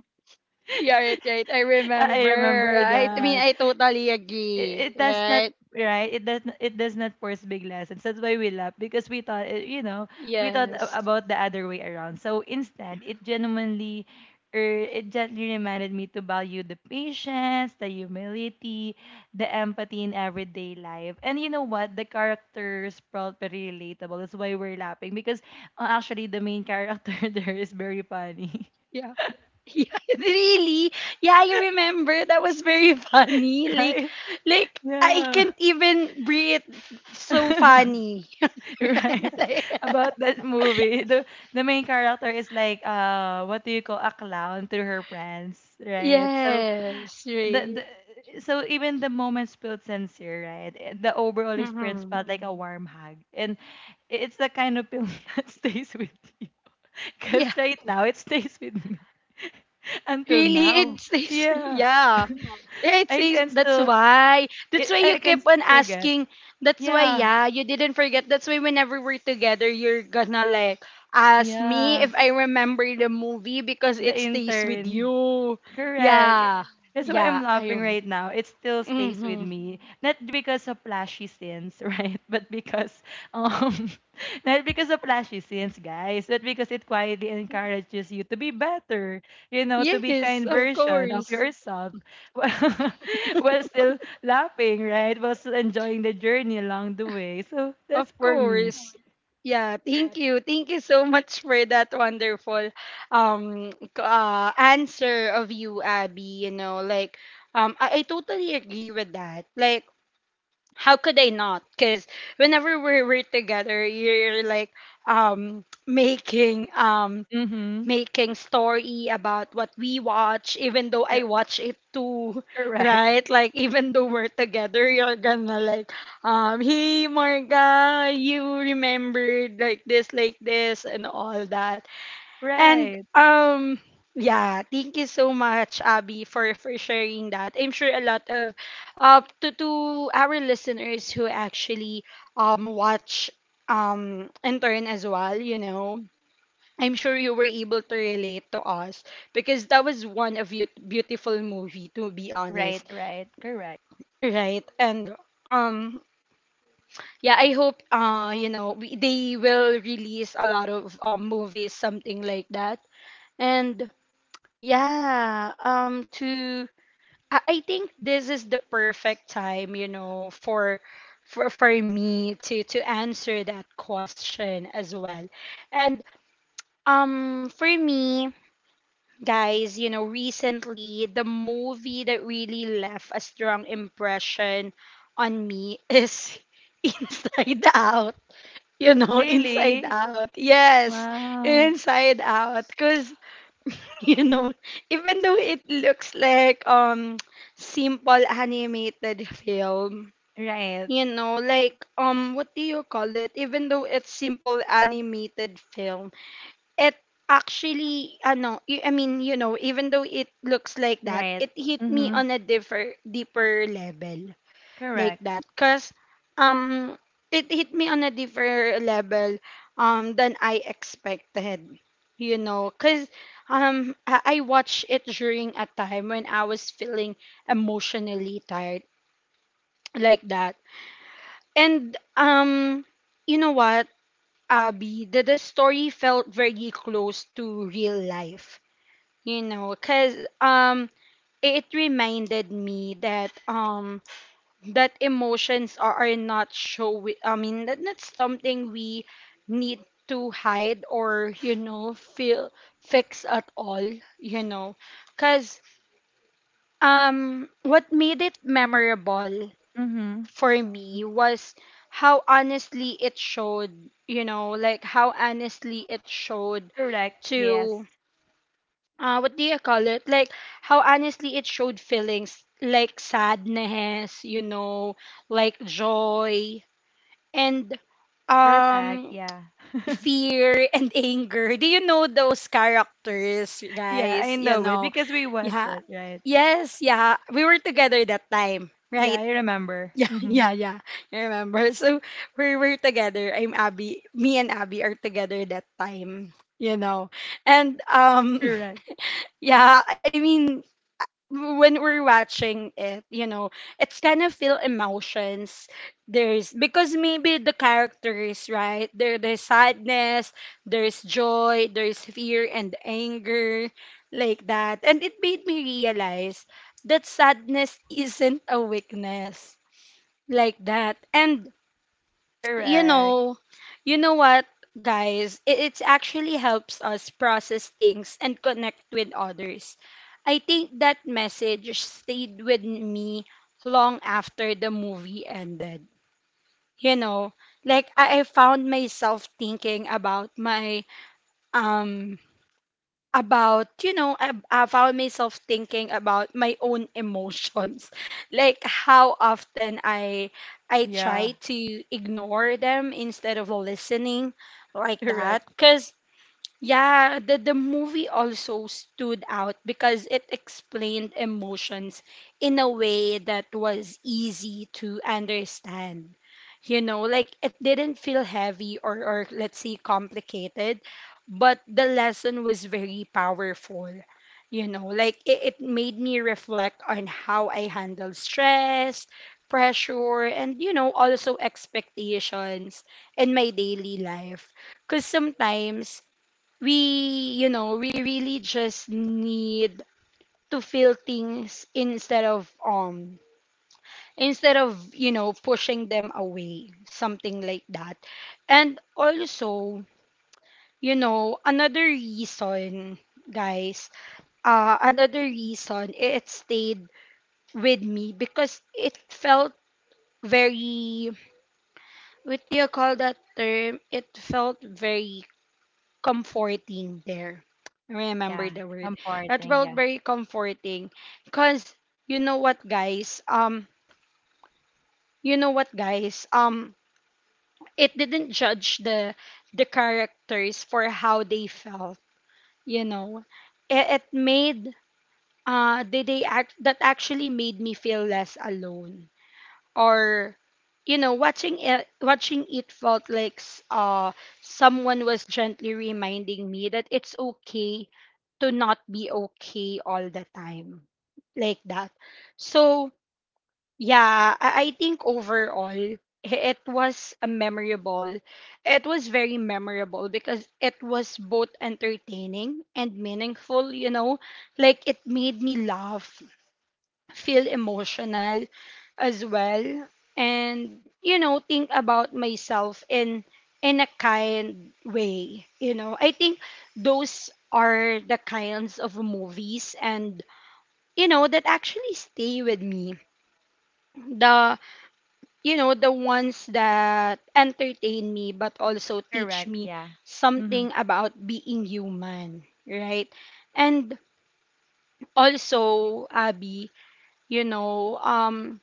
Speaker 1: Yeah, right, right. I
Speaker 2: I
Speaker 1: remember.
Speaker 2: remember
Speaker 1: Right? I mean,
Speaker 2: that
Speaker 1: I totally agree.
Speaker 2: it does not,
Speaker 1: Right?
Speaker 2: right? It does not force big lessons. That's why we laugh, because we thought, you know, we thought
Speaker 1: Yes.
Speaker 2: about the other way around. So instead it genuinely or it gently reminded me to value the patience, the humility, the empathy in everyday life. And you know what, the characters felt very relatable. That's why we're laughing, because actually the main character there is very funny.
Speaker 1: Yeah. Yeah, really? Yeah, I remember. That was very funny.
Speaker 2: Right.
Speaker 1: Like I
Speaker 2: Yeah.
Speaker 1: can't even breathe. So funny.
Speaker 2: Right.
Speaker 1: Like,
Speaker 2: About that movie. The main character is like, uh, what do you call, a clown to her friends, right? So
Speaker 1: yeah.
Speaker 2: the
Speaker 1: Right.
Speaker 2: so even the moments felt sincere, right? Eh, the overall experience felt
Speaker 1: Mhm.
Speaker 2: like a warm hug. And it's the kind of film that stays with you. Cause
Speaker 1: Yeah.
Speaker 2: right now it stays with me until
Speaker 1: Really,
Speaker 2: now.
Speaker 1: it's
Speaker 2: Yeah.
Speaker 1: yeah. It
Speaker 2: I
Speaker 1: is,
Speaker 2: can
Speaker 1: that's
Speaker 2: still,
Speaker 1: why. That's why
Speaker 2: I,
Speaker 1: you
Speaker 2: I
Speaker 1: keep
Speaker 2: can still
Speaker 1: on
Speaker 2: forget.
Speaker 1: asking. That's why,
Speaker 2: Yeah.
Speaker 1: yeah, you didn't forget. That's why whenever we're together, you're gonna like ask me
Speaker 2: Yeah.
Speaker 1: if I remember the movie because
Speaker 2: The
Speaker 1: it stays with
Speaker 2: intern.
Speaker 1: you.
Speaker 2: Correct.
Speaker 1: Yeah.
Speaker 2: That's why I'm
Speaker 1: Yeah, I
Speaker 2: laughing
Speaker 1: am.
Speaker 2: right now. It still stays with
Speaker 1: Hmm.
Speaker 2: me. Not because of flashy scenes, right? But because um not because of flashy scenes, guys, but because it quietly encourages you to be better, you know, to be
Speaker 1: Yes,
Speaker 2: kind
Speaker 1: of
Speaker 2: version of
Speaker 1: course.
Speaker 2: yourself while while still laughing, right? While still enjoying the journey along the way. So
Speaker 1: Of
Speaker 2: that's for me.
Speaker 1: course. Yeah, thank you. Thank you so much for that wonderful answer of you, Abby. You know, like I totally agree with that. Like how could I not? Because whenever we're together, you're like um making um
Speaker 2: Mm-hmm.
Speaker 1: making story about what we watch, even though I watch it too,
Speaker 2: Correct.
Speaker 1: right? Like even though we're together, you're gonna like, hey Marga, you remembered like this, and all that. And
Speaker 2: Right.
Speaker 1: um yeah, thank you so much, Abby, for sharing that. I'm sure a lot of to our listeners who actually watch intern as well, you know. I'm sure you were able to relate to us because that was one of your beautiful movie to be
Speaker 2: Right,
Speaker 1: honest,
Speaker 2: right, correct.
Speaker 1: right? And um yeah, I hope you know they will release a lot of movies something like that. And Yeah, to I think this is the perfect time, you know, for me to answer that question as well. And for me, guys, you know, recently the movie that really left a strong impression on me is Inside Out. You know, Inside
Speaker 2: Really?
Speaker 1: Out. Yes,
Speaker 2: Wow.
Speaker 1: Inside Out cuz you know even though it looks like simple animated film
Speaker 2: Right.
Speaker 1: you know like what do you call it, even though it's simple animated film it actually ano y- I mean you know, even though it looks like that,
Speaker 2: Right.
Speaker 1: it hit me
Speaker 2: Mm-hmm.
Speaker 1: on a differ deeper level like
Speaker 2: Correct.
Speaker 1: that. Because um it hit me on a different level than I expected, you know, because I watched it during a time when I was feeling emotionally tired, like that. And you know what, Abby, the story felt very close to real life, you know, because it reminded me that emotions are not show I mean that that's something we need to hide or you know feel fix at all, you know, because what made it memorable
Speaker 2: Mm-hmm.
Speaker 1: for me was how honestly it showed how honestly it showed
Speaker 2: Correct. Yes.
Speaker 1: to what do you call it, like how honestly it showed feelings like sadness, you know, like joy and
Speaker 2: Perfect.
Speaker 1: um
Speaker 2: Yeah.
Speaker 1: fear and anger. Do you know those characters,
Speaker 2: Yeah, I
Speaker 1: guys? You
Speaker 2: know it
Speaker 1: know,
Speaker 2: because we watch
Speaker 1: yeah.
Speaker 2: it, right?
Speaker 1: Yes, yeah. We were together that time,
Speaker 2: Yeah,
Speaker 1: right?
Speaker 2: I remember.
Speaker 1: Yeah,
Speaker 2: Mm-hmm.
Speaker 1: yeah, yeah. I remember. So we were together. I'm Abby. Me and Abby are together that time, you know. And
Speaker 2: Correct.
Speaker 1: yeah, I mean when we're watching it, you know, it's kind of feel emotions. There's, because maybe the characters, right? There's sadness, there's joy, there's fear and anger, like that. And it made me realize that sadness isn't a weakness, like that. And you
Speaker 2: Correct.
Speaker 1: know, you know what, guys? It it's actually helps us process things and connect with others. I think that message stayed with me long after the movie ended. You know, like I found myself thinking about my um about you know I found myself thinking about my own emotions, like how often I
Speaker 2: Yeah.
Speaker 1: try to ignore them instead of listening, like that.
Speaker 2: Correct.
Speaker 1: Because yeah, the movie also stood out because it explained emotions in a way that was easy to understand, you know, like it didn't feel heavy or let's say complicated, but the lesson was very powerful. You know, like it made me reflect on how I handle stress, pressure, and you know, also expectations in my daily life. Because sometimes we, you know, we really just need to feel things instead of you know pushing them away, something like that. And also, you know, another reason, guys, another reason it stayed with me, because it felt very, what do you call that term, it felt very comforting there. I remember
Speaker 2: Yeah.
Speaker 1: the word that
Speaker 2: Comforting.
Speaker 1: felt
Speaker 2: Yeah.
Speaker 1: very comforting. Because you know what, guys, you know what guys um it didn't judge the characters for how they felt, you know. It, it made uh they, they act that actually made me feel less alone, or you know, watching it felt like someone was gently reminding me that it's okay to not be okay all the time, like that. So yeah, I think overall it was a memorable. It was very memorable because it was both entertaining and meaningful, you know? Like it made me laugh, feel emotional as well, and you know, think about myself in a kind way, you know. I think those are the kinds of movies and you know that actually stay with me. The You know, the ones that entertain me but also teach
Speaker 2: Correct.
Speaker 1: me
Speaker 2: Yeah. Mm-hmm.
Speaker 1: something about being human, right? And also, Abby, you know,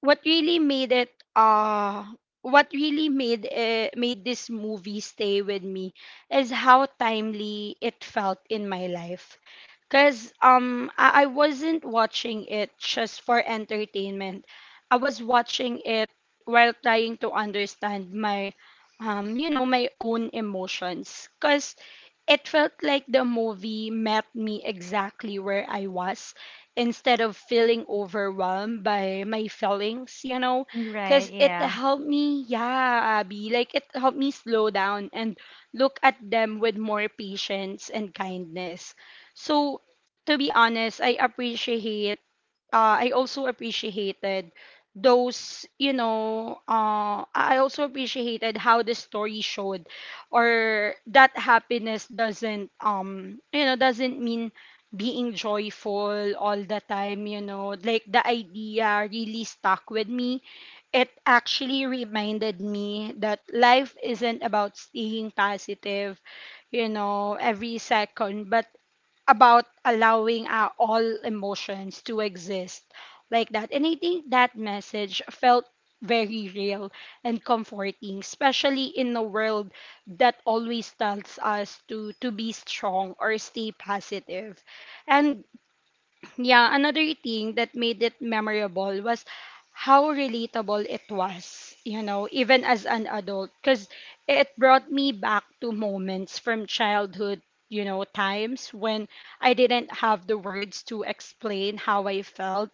Speaker 1: what really made it uh made this movie stay with me is how timely it felt in my life. Because I wasn't watching it just for entertainment, I was watching it while trying to understand my you know my own emotions, because it felt like the movie met me exactly where I was, instead of feeling overwhelmed by my feelings, you know,
Speaker 2: Right.
Speaker 1: because it
Speaker 2: Yeah.
Speaker 1: helped me, yeah, Abby, like it helped me slow down and look at them with more patience and kindness. So, to be honest, I appreciate I also appreciated those you know I also appreciated how the story showed or that happiness doesn't you know doesn't mean being joyful all the time, you know, like the idea really stuck with me. It actually reminded me that life isn't about staying positive, you know, every second, but about allowing all emotions to exist, like that. And I think that message felt very real and comforting, especially in a world that always tells us to be strong or stay positive. And yeah, another thing that made it memorable was how relatable it was, you know, even as an adult, because it brought me back to moments from childhood, you know, times when I didn't have the words to explain how I felt.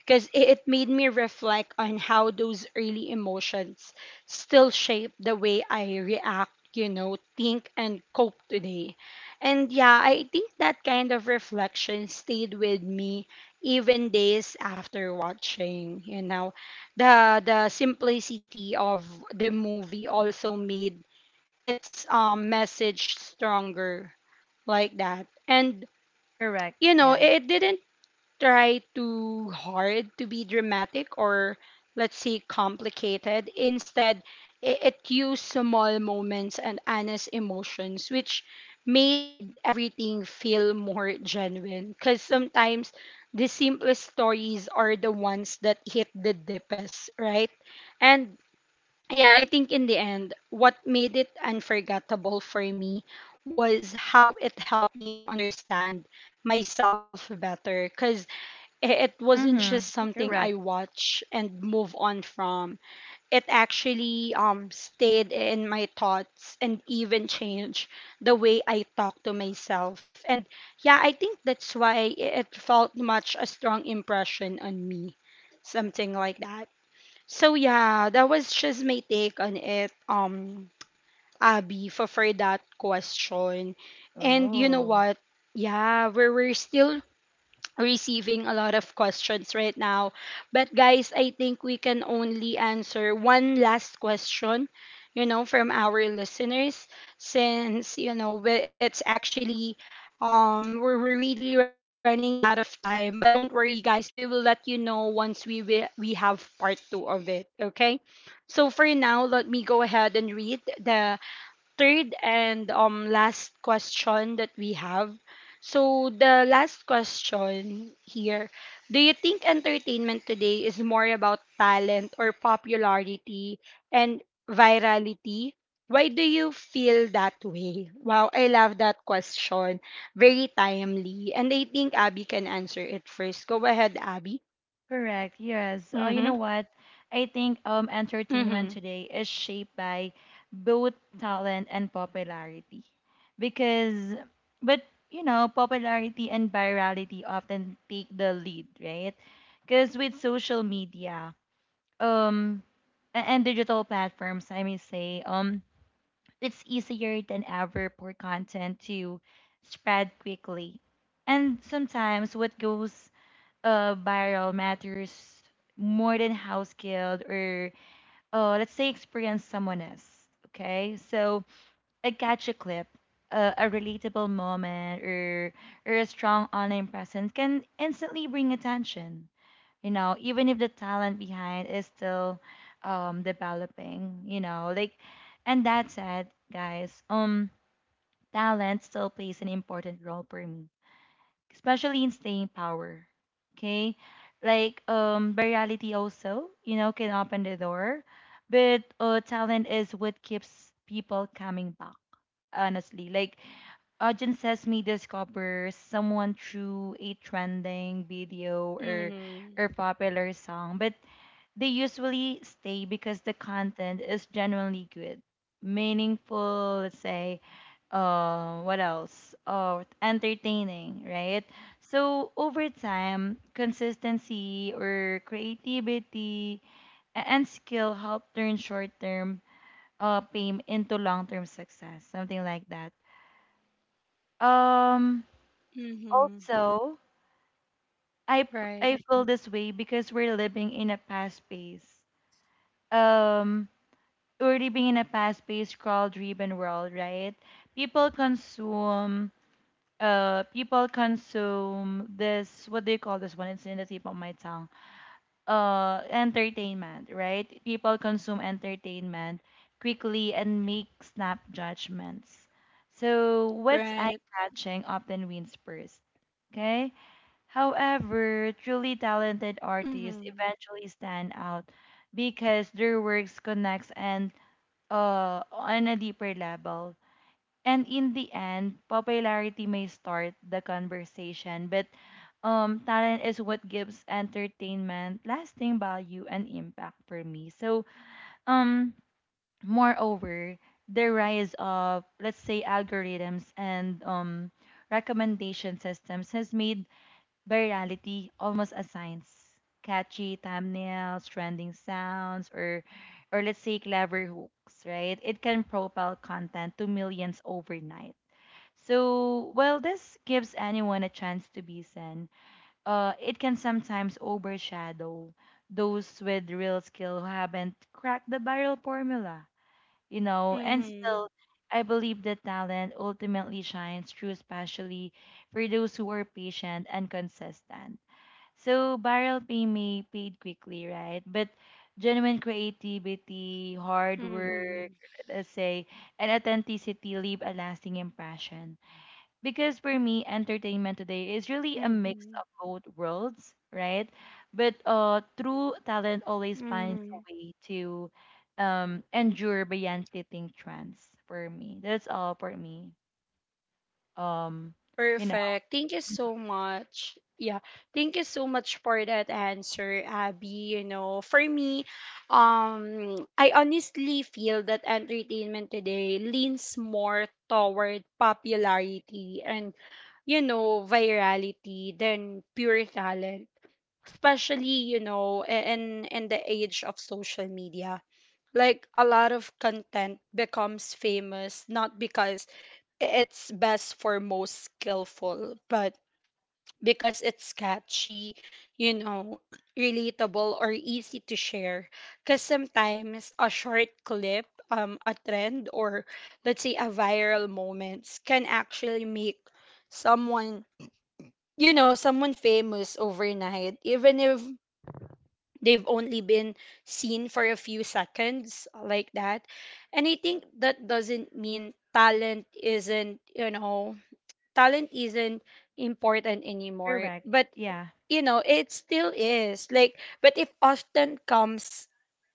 Speaker 1: Because it made me reflect on how those early emotions still shape the way I react, you know, think, and cope today. And yeah, I think that kind of reflection stayed with me even days after watching, you know. The simplicity of the movie also made its message stronger, like that. And
Speaker 2: Correct.
Speaker 1: you know,
Speaker 2: Yeah.
Speaker 1: it didn't try too hard to be dramatic or let's say complicated. Instead it used small moments and honest emotions, which made everything feel more genuine, because sometimes the simplest stories are the ones that hit the deepest, right? And yeah, I think in the end what made it unforgettable for me was how it helped me understand myself better, because it wasn't just
Speaker 2: Mm-hmm.
Speaker 1: something I
Speaker 2: Correct.
Speaker 1: watch and move on from. It actually stayed in my thoughts and even changed the way I talk to myself. And yeah, I think that's why it felt much a strong impression on me. Something like that. So yeah, that was just my take on it, Abby, for, that question. And you know
Speaker 2: Oh.
Speaker 1: what? Yeah, we're still receiving a lot of questions right now. But guys, I think we can only answer one last question, you know, from our listeners, since, you know, it's actually we're really running out of time. But don't worry guys, we will let you know once we have part 2 of it, okay? So for now, let me go ahead and read the third and last question that we have. So the last question here, do you think entertainment today is more about talent or popularity and virality? Why do you feel that way? Wow, I love that question. Very timely. And I think Abby can answer it first. Go ahead, Abby.
Speaker 2: Correct. Yes. You know
Speaker 1: Mhm.
Speaker 2: what? I think entertainment
Speaker 1: Mhm.
Speaker 2: today is shaped by both talent and popularity. Because, but, you know, popularity and virality often take the lead, right? Because with social media, um and digital platforms, I may say, it's easier than ever for content to spread quickly. And sometimes what goes viral matters more than how skilled or let's say experience someone else. Okay, so a gadget clip, a relatable moment, or a strong online presence can instantly bring attention. You know, even if the talent behind is still developing. You know, like, and that said, guys, talent still plays an important role for me, especially in staying power. Okay, like, virality also, you know, can open the door, but talent is what keeps people coming back. Honestly, like, audience says me discover someone through a trending video or
Speaker 1: Mm-hmm.
Speaker 2: popular song, but they usually stay because the content is genuinely good, meaningful, let's say, what else? Oh, entertaining, right? So over time, consistency or creativity and skill help turn short-term pain into long-term success, something like that. Um,
Speaker 1: Mm-hmm.
Speaker 2: also, I
Speaker 1: Right.
Speaker 2: I feel this way because we're living in a past pace. Um, Already being in a fast-paced, scroll-driven world, right? People consume, people consume this. What do you call this one? It's in the tip of my tongue. Entertainment, right? People consume entertainment quickly and make snap judgments. So what's
Speaker 1: Right.
Speaker 2: eye-catching often wins first. Okay. However, truly talented artists
Speaker 1: Mm-hmm.
Speaker 2: eventually stand out because their works connects and on a deeper level. And in the end, popularity may start the conversation, but talent is what gives entertainment lasting value and impact for me. So, um, moreover, the rise of, let's say, algorithms and recommendation systems has made virality almost as science. Catchy thumbnails, trending sounds, or let's say clever hooks, right? It can propel content to millions overnight. So while this gives anyone a chance to be seen, it can sometimes overshadow those with real skill who haven't cracked the viral formula, you know. And still,
Speaker 1: Mm-hmm.
Speaker 2: I believe that talent ultimately shines through, especially for those who are patient and consistent. So viral pay may paid quickly, right? But genuine creativity, hard
Speaker 1: Mm-hmm.
Speaker 2: work, let's say, and authenticity leave a lasting impression. Because for me, entertainment today is really a mix
Speaker 1: Mm-hmm.
Speaker 2: of both worlds, right? But true talent always finds
Speaker 1: Mm-hmm.
Speaker 2: a way to endure beyond fleeting trends. For me, that's all for me. Um, you know,
Speaker 1: Perfect. Thank you so much. Yeah. Thank you so much for that answer, Abby. You know, for me, I honestly feel that entertainment today leans more toward popularity and you know, virality than pure talent. Especially, you know, in the age of social media. Like a lot of content becomes famous not because it's best for most skillful, but because it's catchy, you know, relatable or easy to share. Because sometimes a short clip, a trend, or let's say a viral moments can actually make someone, someone famous overnight, even if they've only been seen for a few seconds like that. And I think that doesn't mean talent isn't, talent isn't important anymore,
Speaker 2: correct.
Speaker 1: but
Speaker 2: Yeah.
Speaker 1: you know it still is. Like, but it often comes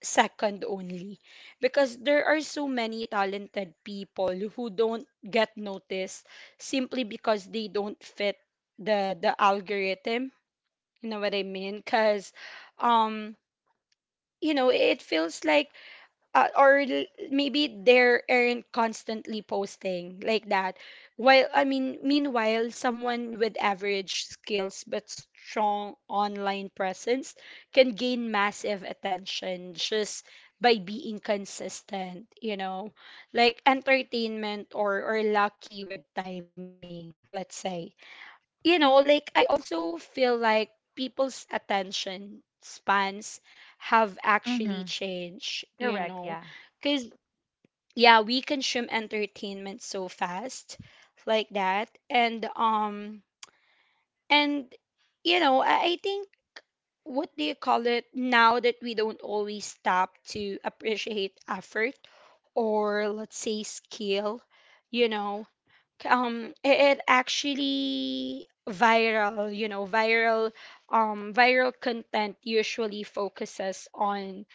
Speaker 1: second only because there are so many talented people who don't get noticed simply because they don't fit the algorithm, you know what I mean? Cuz um, you know, it feels like, maybe they aren't constantly posting like that. While i mean meanwhile someone with average skills but strong online presence can gain massive attention just by being consistent, you know, like entertainment, or lucky with timing, let's say. You know, like I also feel like people's attention spans have actually
Speaker 2: Mm-hmm.
Speaker 1: changed, you
Speaker 2: Correct.
Speaker 1: know,
Speaker 2: Yeah.
Speaker 1: because yeah, we consume entertainment so fast like that. And, you know, I think, what do you call it, now that we don't always stop to appreciate effort or let's say skill, you know, it actually viral, viral, viral content usually focuses on,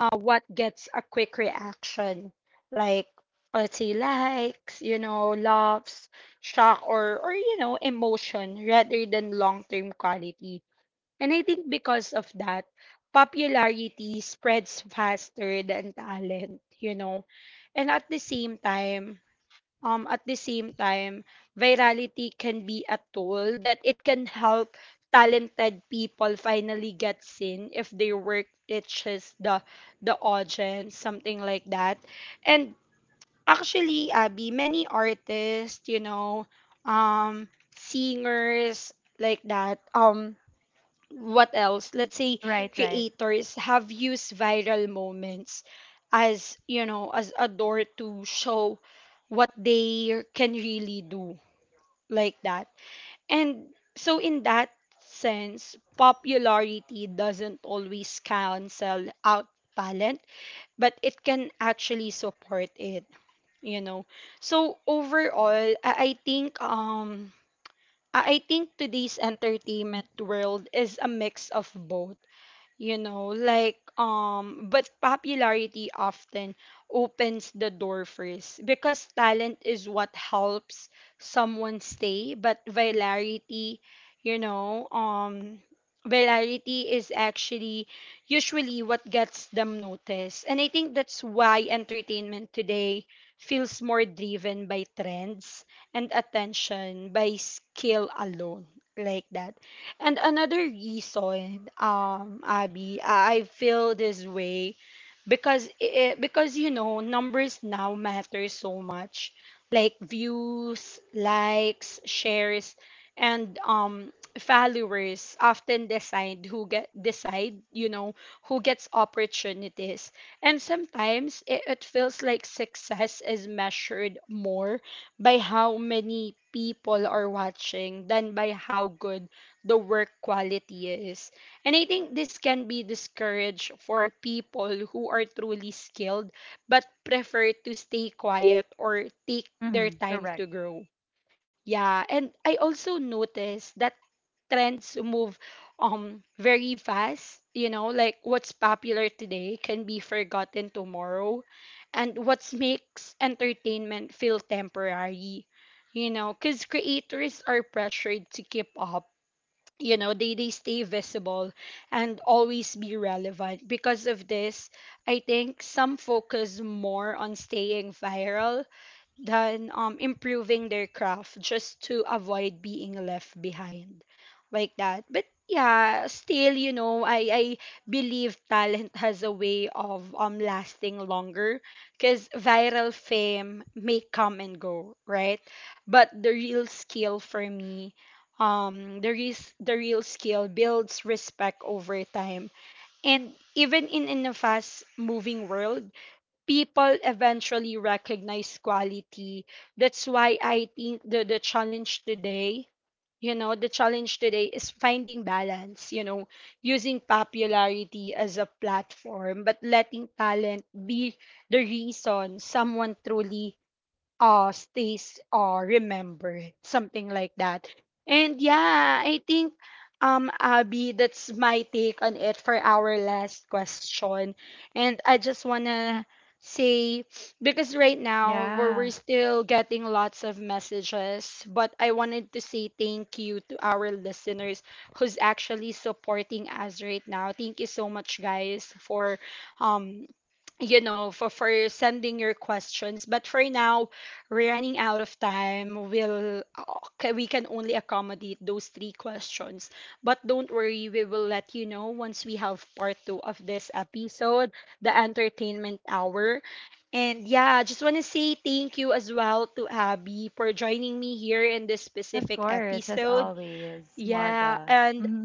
Speaker 1: what gets a quick reaction, like let's say likes, you know, loves, shock, or, you know, emotion rather than long-term quality. And I think because of that, popularity spreads faster than talent, you know. And at the same time, um, at the same time, virality can be a tool that it can help talented people finally get seen if their work reaches the audience, something like that. And actually, Abby, many artists, um, singers like that, what else, let's say
Speaker 2: Right. Right.
Speaker 1: creators, have used viral moments as, as a door to show what they can really do, like that. And so in that sense, popularity doesn't always cancel out talent, but it can actually support it, you know. So overall, I think, I think today's entertainment world is a mix of both, you know, like, but popularity often opens the door first because talent is what helps someone stay. But virality, you know um virality is actually usually what gets them noticed. And I think that's why entertainment today feels more driven by trends and attention by skill alone, like that. And another reason, Abby, I feel this way because because you know numbers now matter so much, like views, likes, shares, and followers often decide, you know, who gets opportunities. And sometimes it feels like success is measured more by how many people are watching than by how good the work quality is. And I think this can be discouraged for people who are truly skilled but prefer to stay quiet or take
Speaker 2: Mm-hmm.
Speaker 1: their
Speaker 2: Correct.
Speaker 1: time to grow. Yeah, and I also noticed that trends move very fast, you know, like what's popular today can be forgotten tomorrow, and what makes entertainment feel temporary. You know, cuz creators are pressured to keep up, you know, they stay visible and always be relevant. Because of this, I think some focus more on staying viral than, improving their craft just to avoid being left behind, like that. But yeah, still, you know, I believe talent has a way of, lasting longer, because viral fame may come and go, right? But the real skill for me, the real skill builds respect over time. And even in a fast moving world, people eventually recognize quality. That's why I think the challenge today, you know, the challenge today is finding balance, you know, using popularity as a platform, but letting talent be the reason someone truly stays, remembered, something like that. And yeah, I think, Abby, that's my take on it for our last question. And I just wanna say, because right now
Speaker 2: Yeah.
Speaker 1: we're still getting lots of messages, but I wanted to say thank you to our listeners who's actually supporting us right now. Thank you so much, guys, for um you know, for sending your questions. But for now, we're running out of time. We'll Okay, we can only accommodate those three questions. But don't worry, we will let you know once we have part two of this episode, the entertainment hour. And yeah, I just want to say thank you as well to Abby for joining me here in this
Speaker 2: Of
Speaker 1: specific
Speaker 2: course, as
Speaker 1: episode.
Speaker 2: always,
Speaker 1: Yeah,
Speaker 2: Morga.
Speaker 1: and
Speaker 2: Mm-hmm.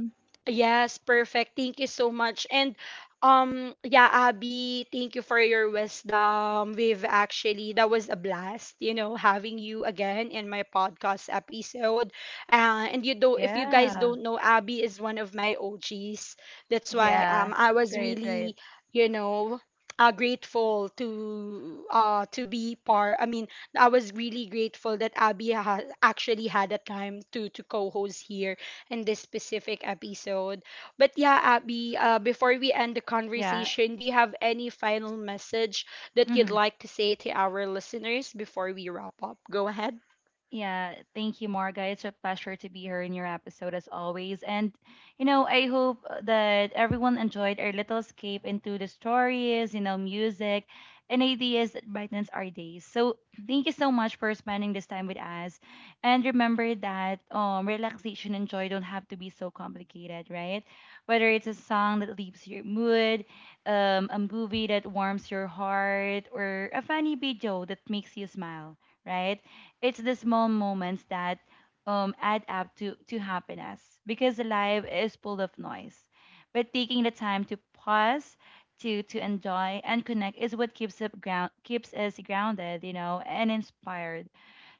Speaker 1: Yes, perfect. Thank you so much. And yeah, Abby, thank you for your wisdom. We've actually That was a blast, you know, having you again in my podcast episode. And you do If you guys
Speaker 2: Yeah.
Speaker 1: don't know, Abby is one of my OGs. That's why
Speaker 2: Yeah.
Speaker 1: I was
Speaker 2: Right, right.
Speaker 1: really, you know, grateful to be part. I mean, I was really grateful that Abby actually had a time to co-host here in this specific episode. But yeah, Abby, before we end the
Speaker 2: Yeah.
Speaker 1: conversation, do you have any final message that you'd
Speaker 2: Mm-hmm.
Speaker 1: like to say to our listeners before we wrap up? Go ahead.
Speaker 2: Yeah, thank you, Marga. It's a pleasure to be here in your episode as always. And, you know, I hope that everyone enjoyed our little escape into the stories, you know, music, and ideas that brightens our days. So, thank you so much for spending this time with us. And remember that relaxation and joy don't have to be so complicated, right? Whether it's a song that lifts your mood, a movie that warms your heart, or a funny video that makes you smile, right? It's the small moments that add up to happiness, because life is full of noise. But taking the time to pause, to enjoy and connect is what keeps us grounded, you know, and inspired.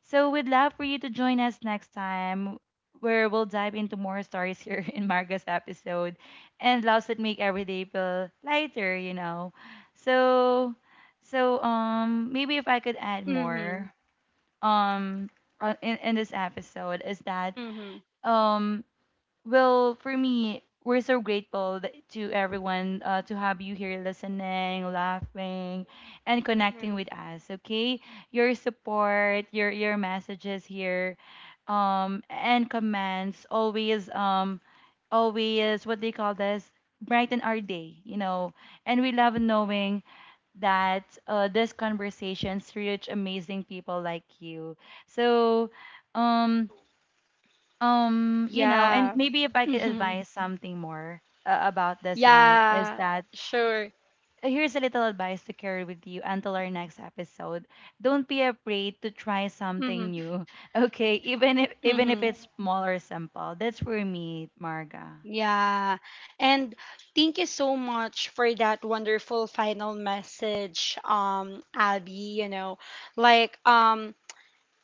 Speaker 2: So we'd love for you to join us next time where we'll dive into more stories here in Marga's episode and loves that make every day feel lighter, you know. So, so maybe if I could add
Speaker 1: Mm-hmm.
Speaker 2: more um in this episode is that
Speaker 1: Mm-hmm.
Speaker 2: um well, for me, we're so grateful that, to everyone, to have you here listening, laughing, and connecting
Speaker 1: Mm-hmm.
Speaker 2: with us. Okay, your support, your messages here, and comments always, always, what they call this, brighten our day, you know. And we love knowing that these conversations reach amazing people like you. So, um, you know, and
Speaker 1: Yeah.
Speaker 2: maybe if I could
Speaker 1: Mm-hmm.
Speaker 2: advise something more about this one is
Speaker 1: Yeah.
Speaker 2: that
Speaker 1: Sure.
Speaker 2: here's a little advice to carry with you until our next episode. Don't be afraid to try
Speaker 1: Mm-hmm.
Speaker 2: something new. Okay, even if
Speaker 1: Mm-hmm.
Speaker 2: it's small or simple. That's for me, Marga.
Speaker 1: Yeah. And thank you so much for that wonderful final message, Abby. You know, like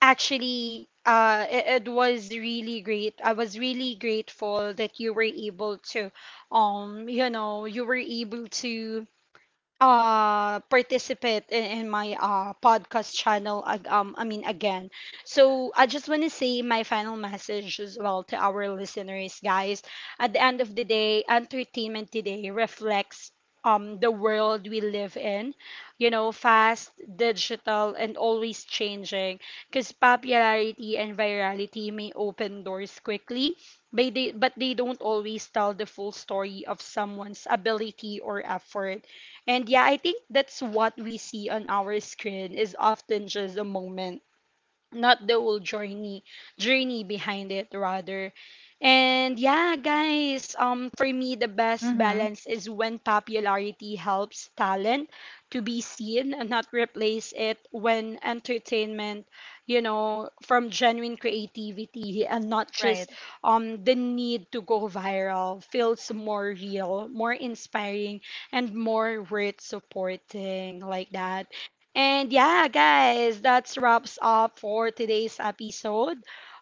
Speaker 1: actually it was really great. I was really grateful that you were able to you know you were able to participate in my podcast channel I mean, again. So I just want to say my final message as well to our listeners, guys. At the end of the day, entertainment today reflects the world we live in, you know, fast, digital and always changing. Because popularity and virality may open doors quickly, but they don't always tell the full story of someone's ability or effort. And yeah, I think that's what we see on our screen is often just a moment, not the whole journey, journey behind it rather. And yeah, guys, for me the best
Speaker 2: Mm-hmm.
Speaker 1: balance is when popularity helps talent to be seen and not replace it, when entertainment, you know, from genuine creativity and not
Speaker 2: Right.
Speaker 1: just the need to go viral, feels more real, more inspiring, and more worth supporting, like that. And yeah, guys, that wraps up for today's episode.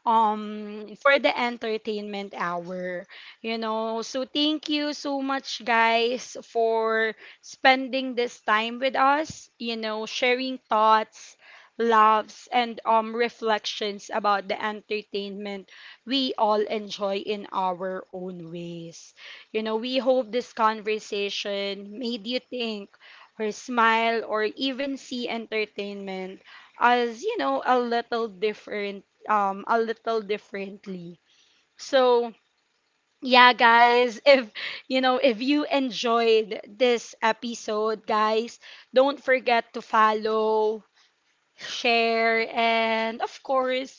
Speaker 1: For the entertainment hour, you know. So thank you so much, guys, for spending this time with us. You know, sharing thoughts, loves, and reflections about the entertainment we all enjoy in our own ways. You know, we hope this conversation made you think, her smile, or even see entertainment as, you know, a little different, a little differently. So, yeah, guys, if, you know, if you enjoyed this episode, guys, don't forget to follow, share, and of course,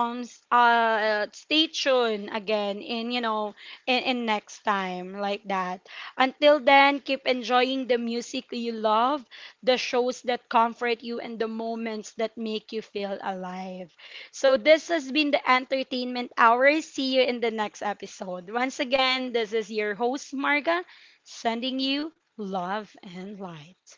Speaker 1: stay tuned again in, you know, in next time, like that. Until then, keep enjoying the music you love, the shows that comfort you, and the moments that make you feel alive. So this has been the Entertainment Hour. See you in the next episode. Once again, this is your host Marga, sending you love and light.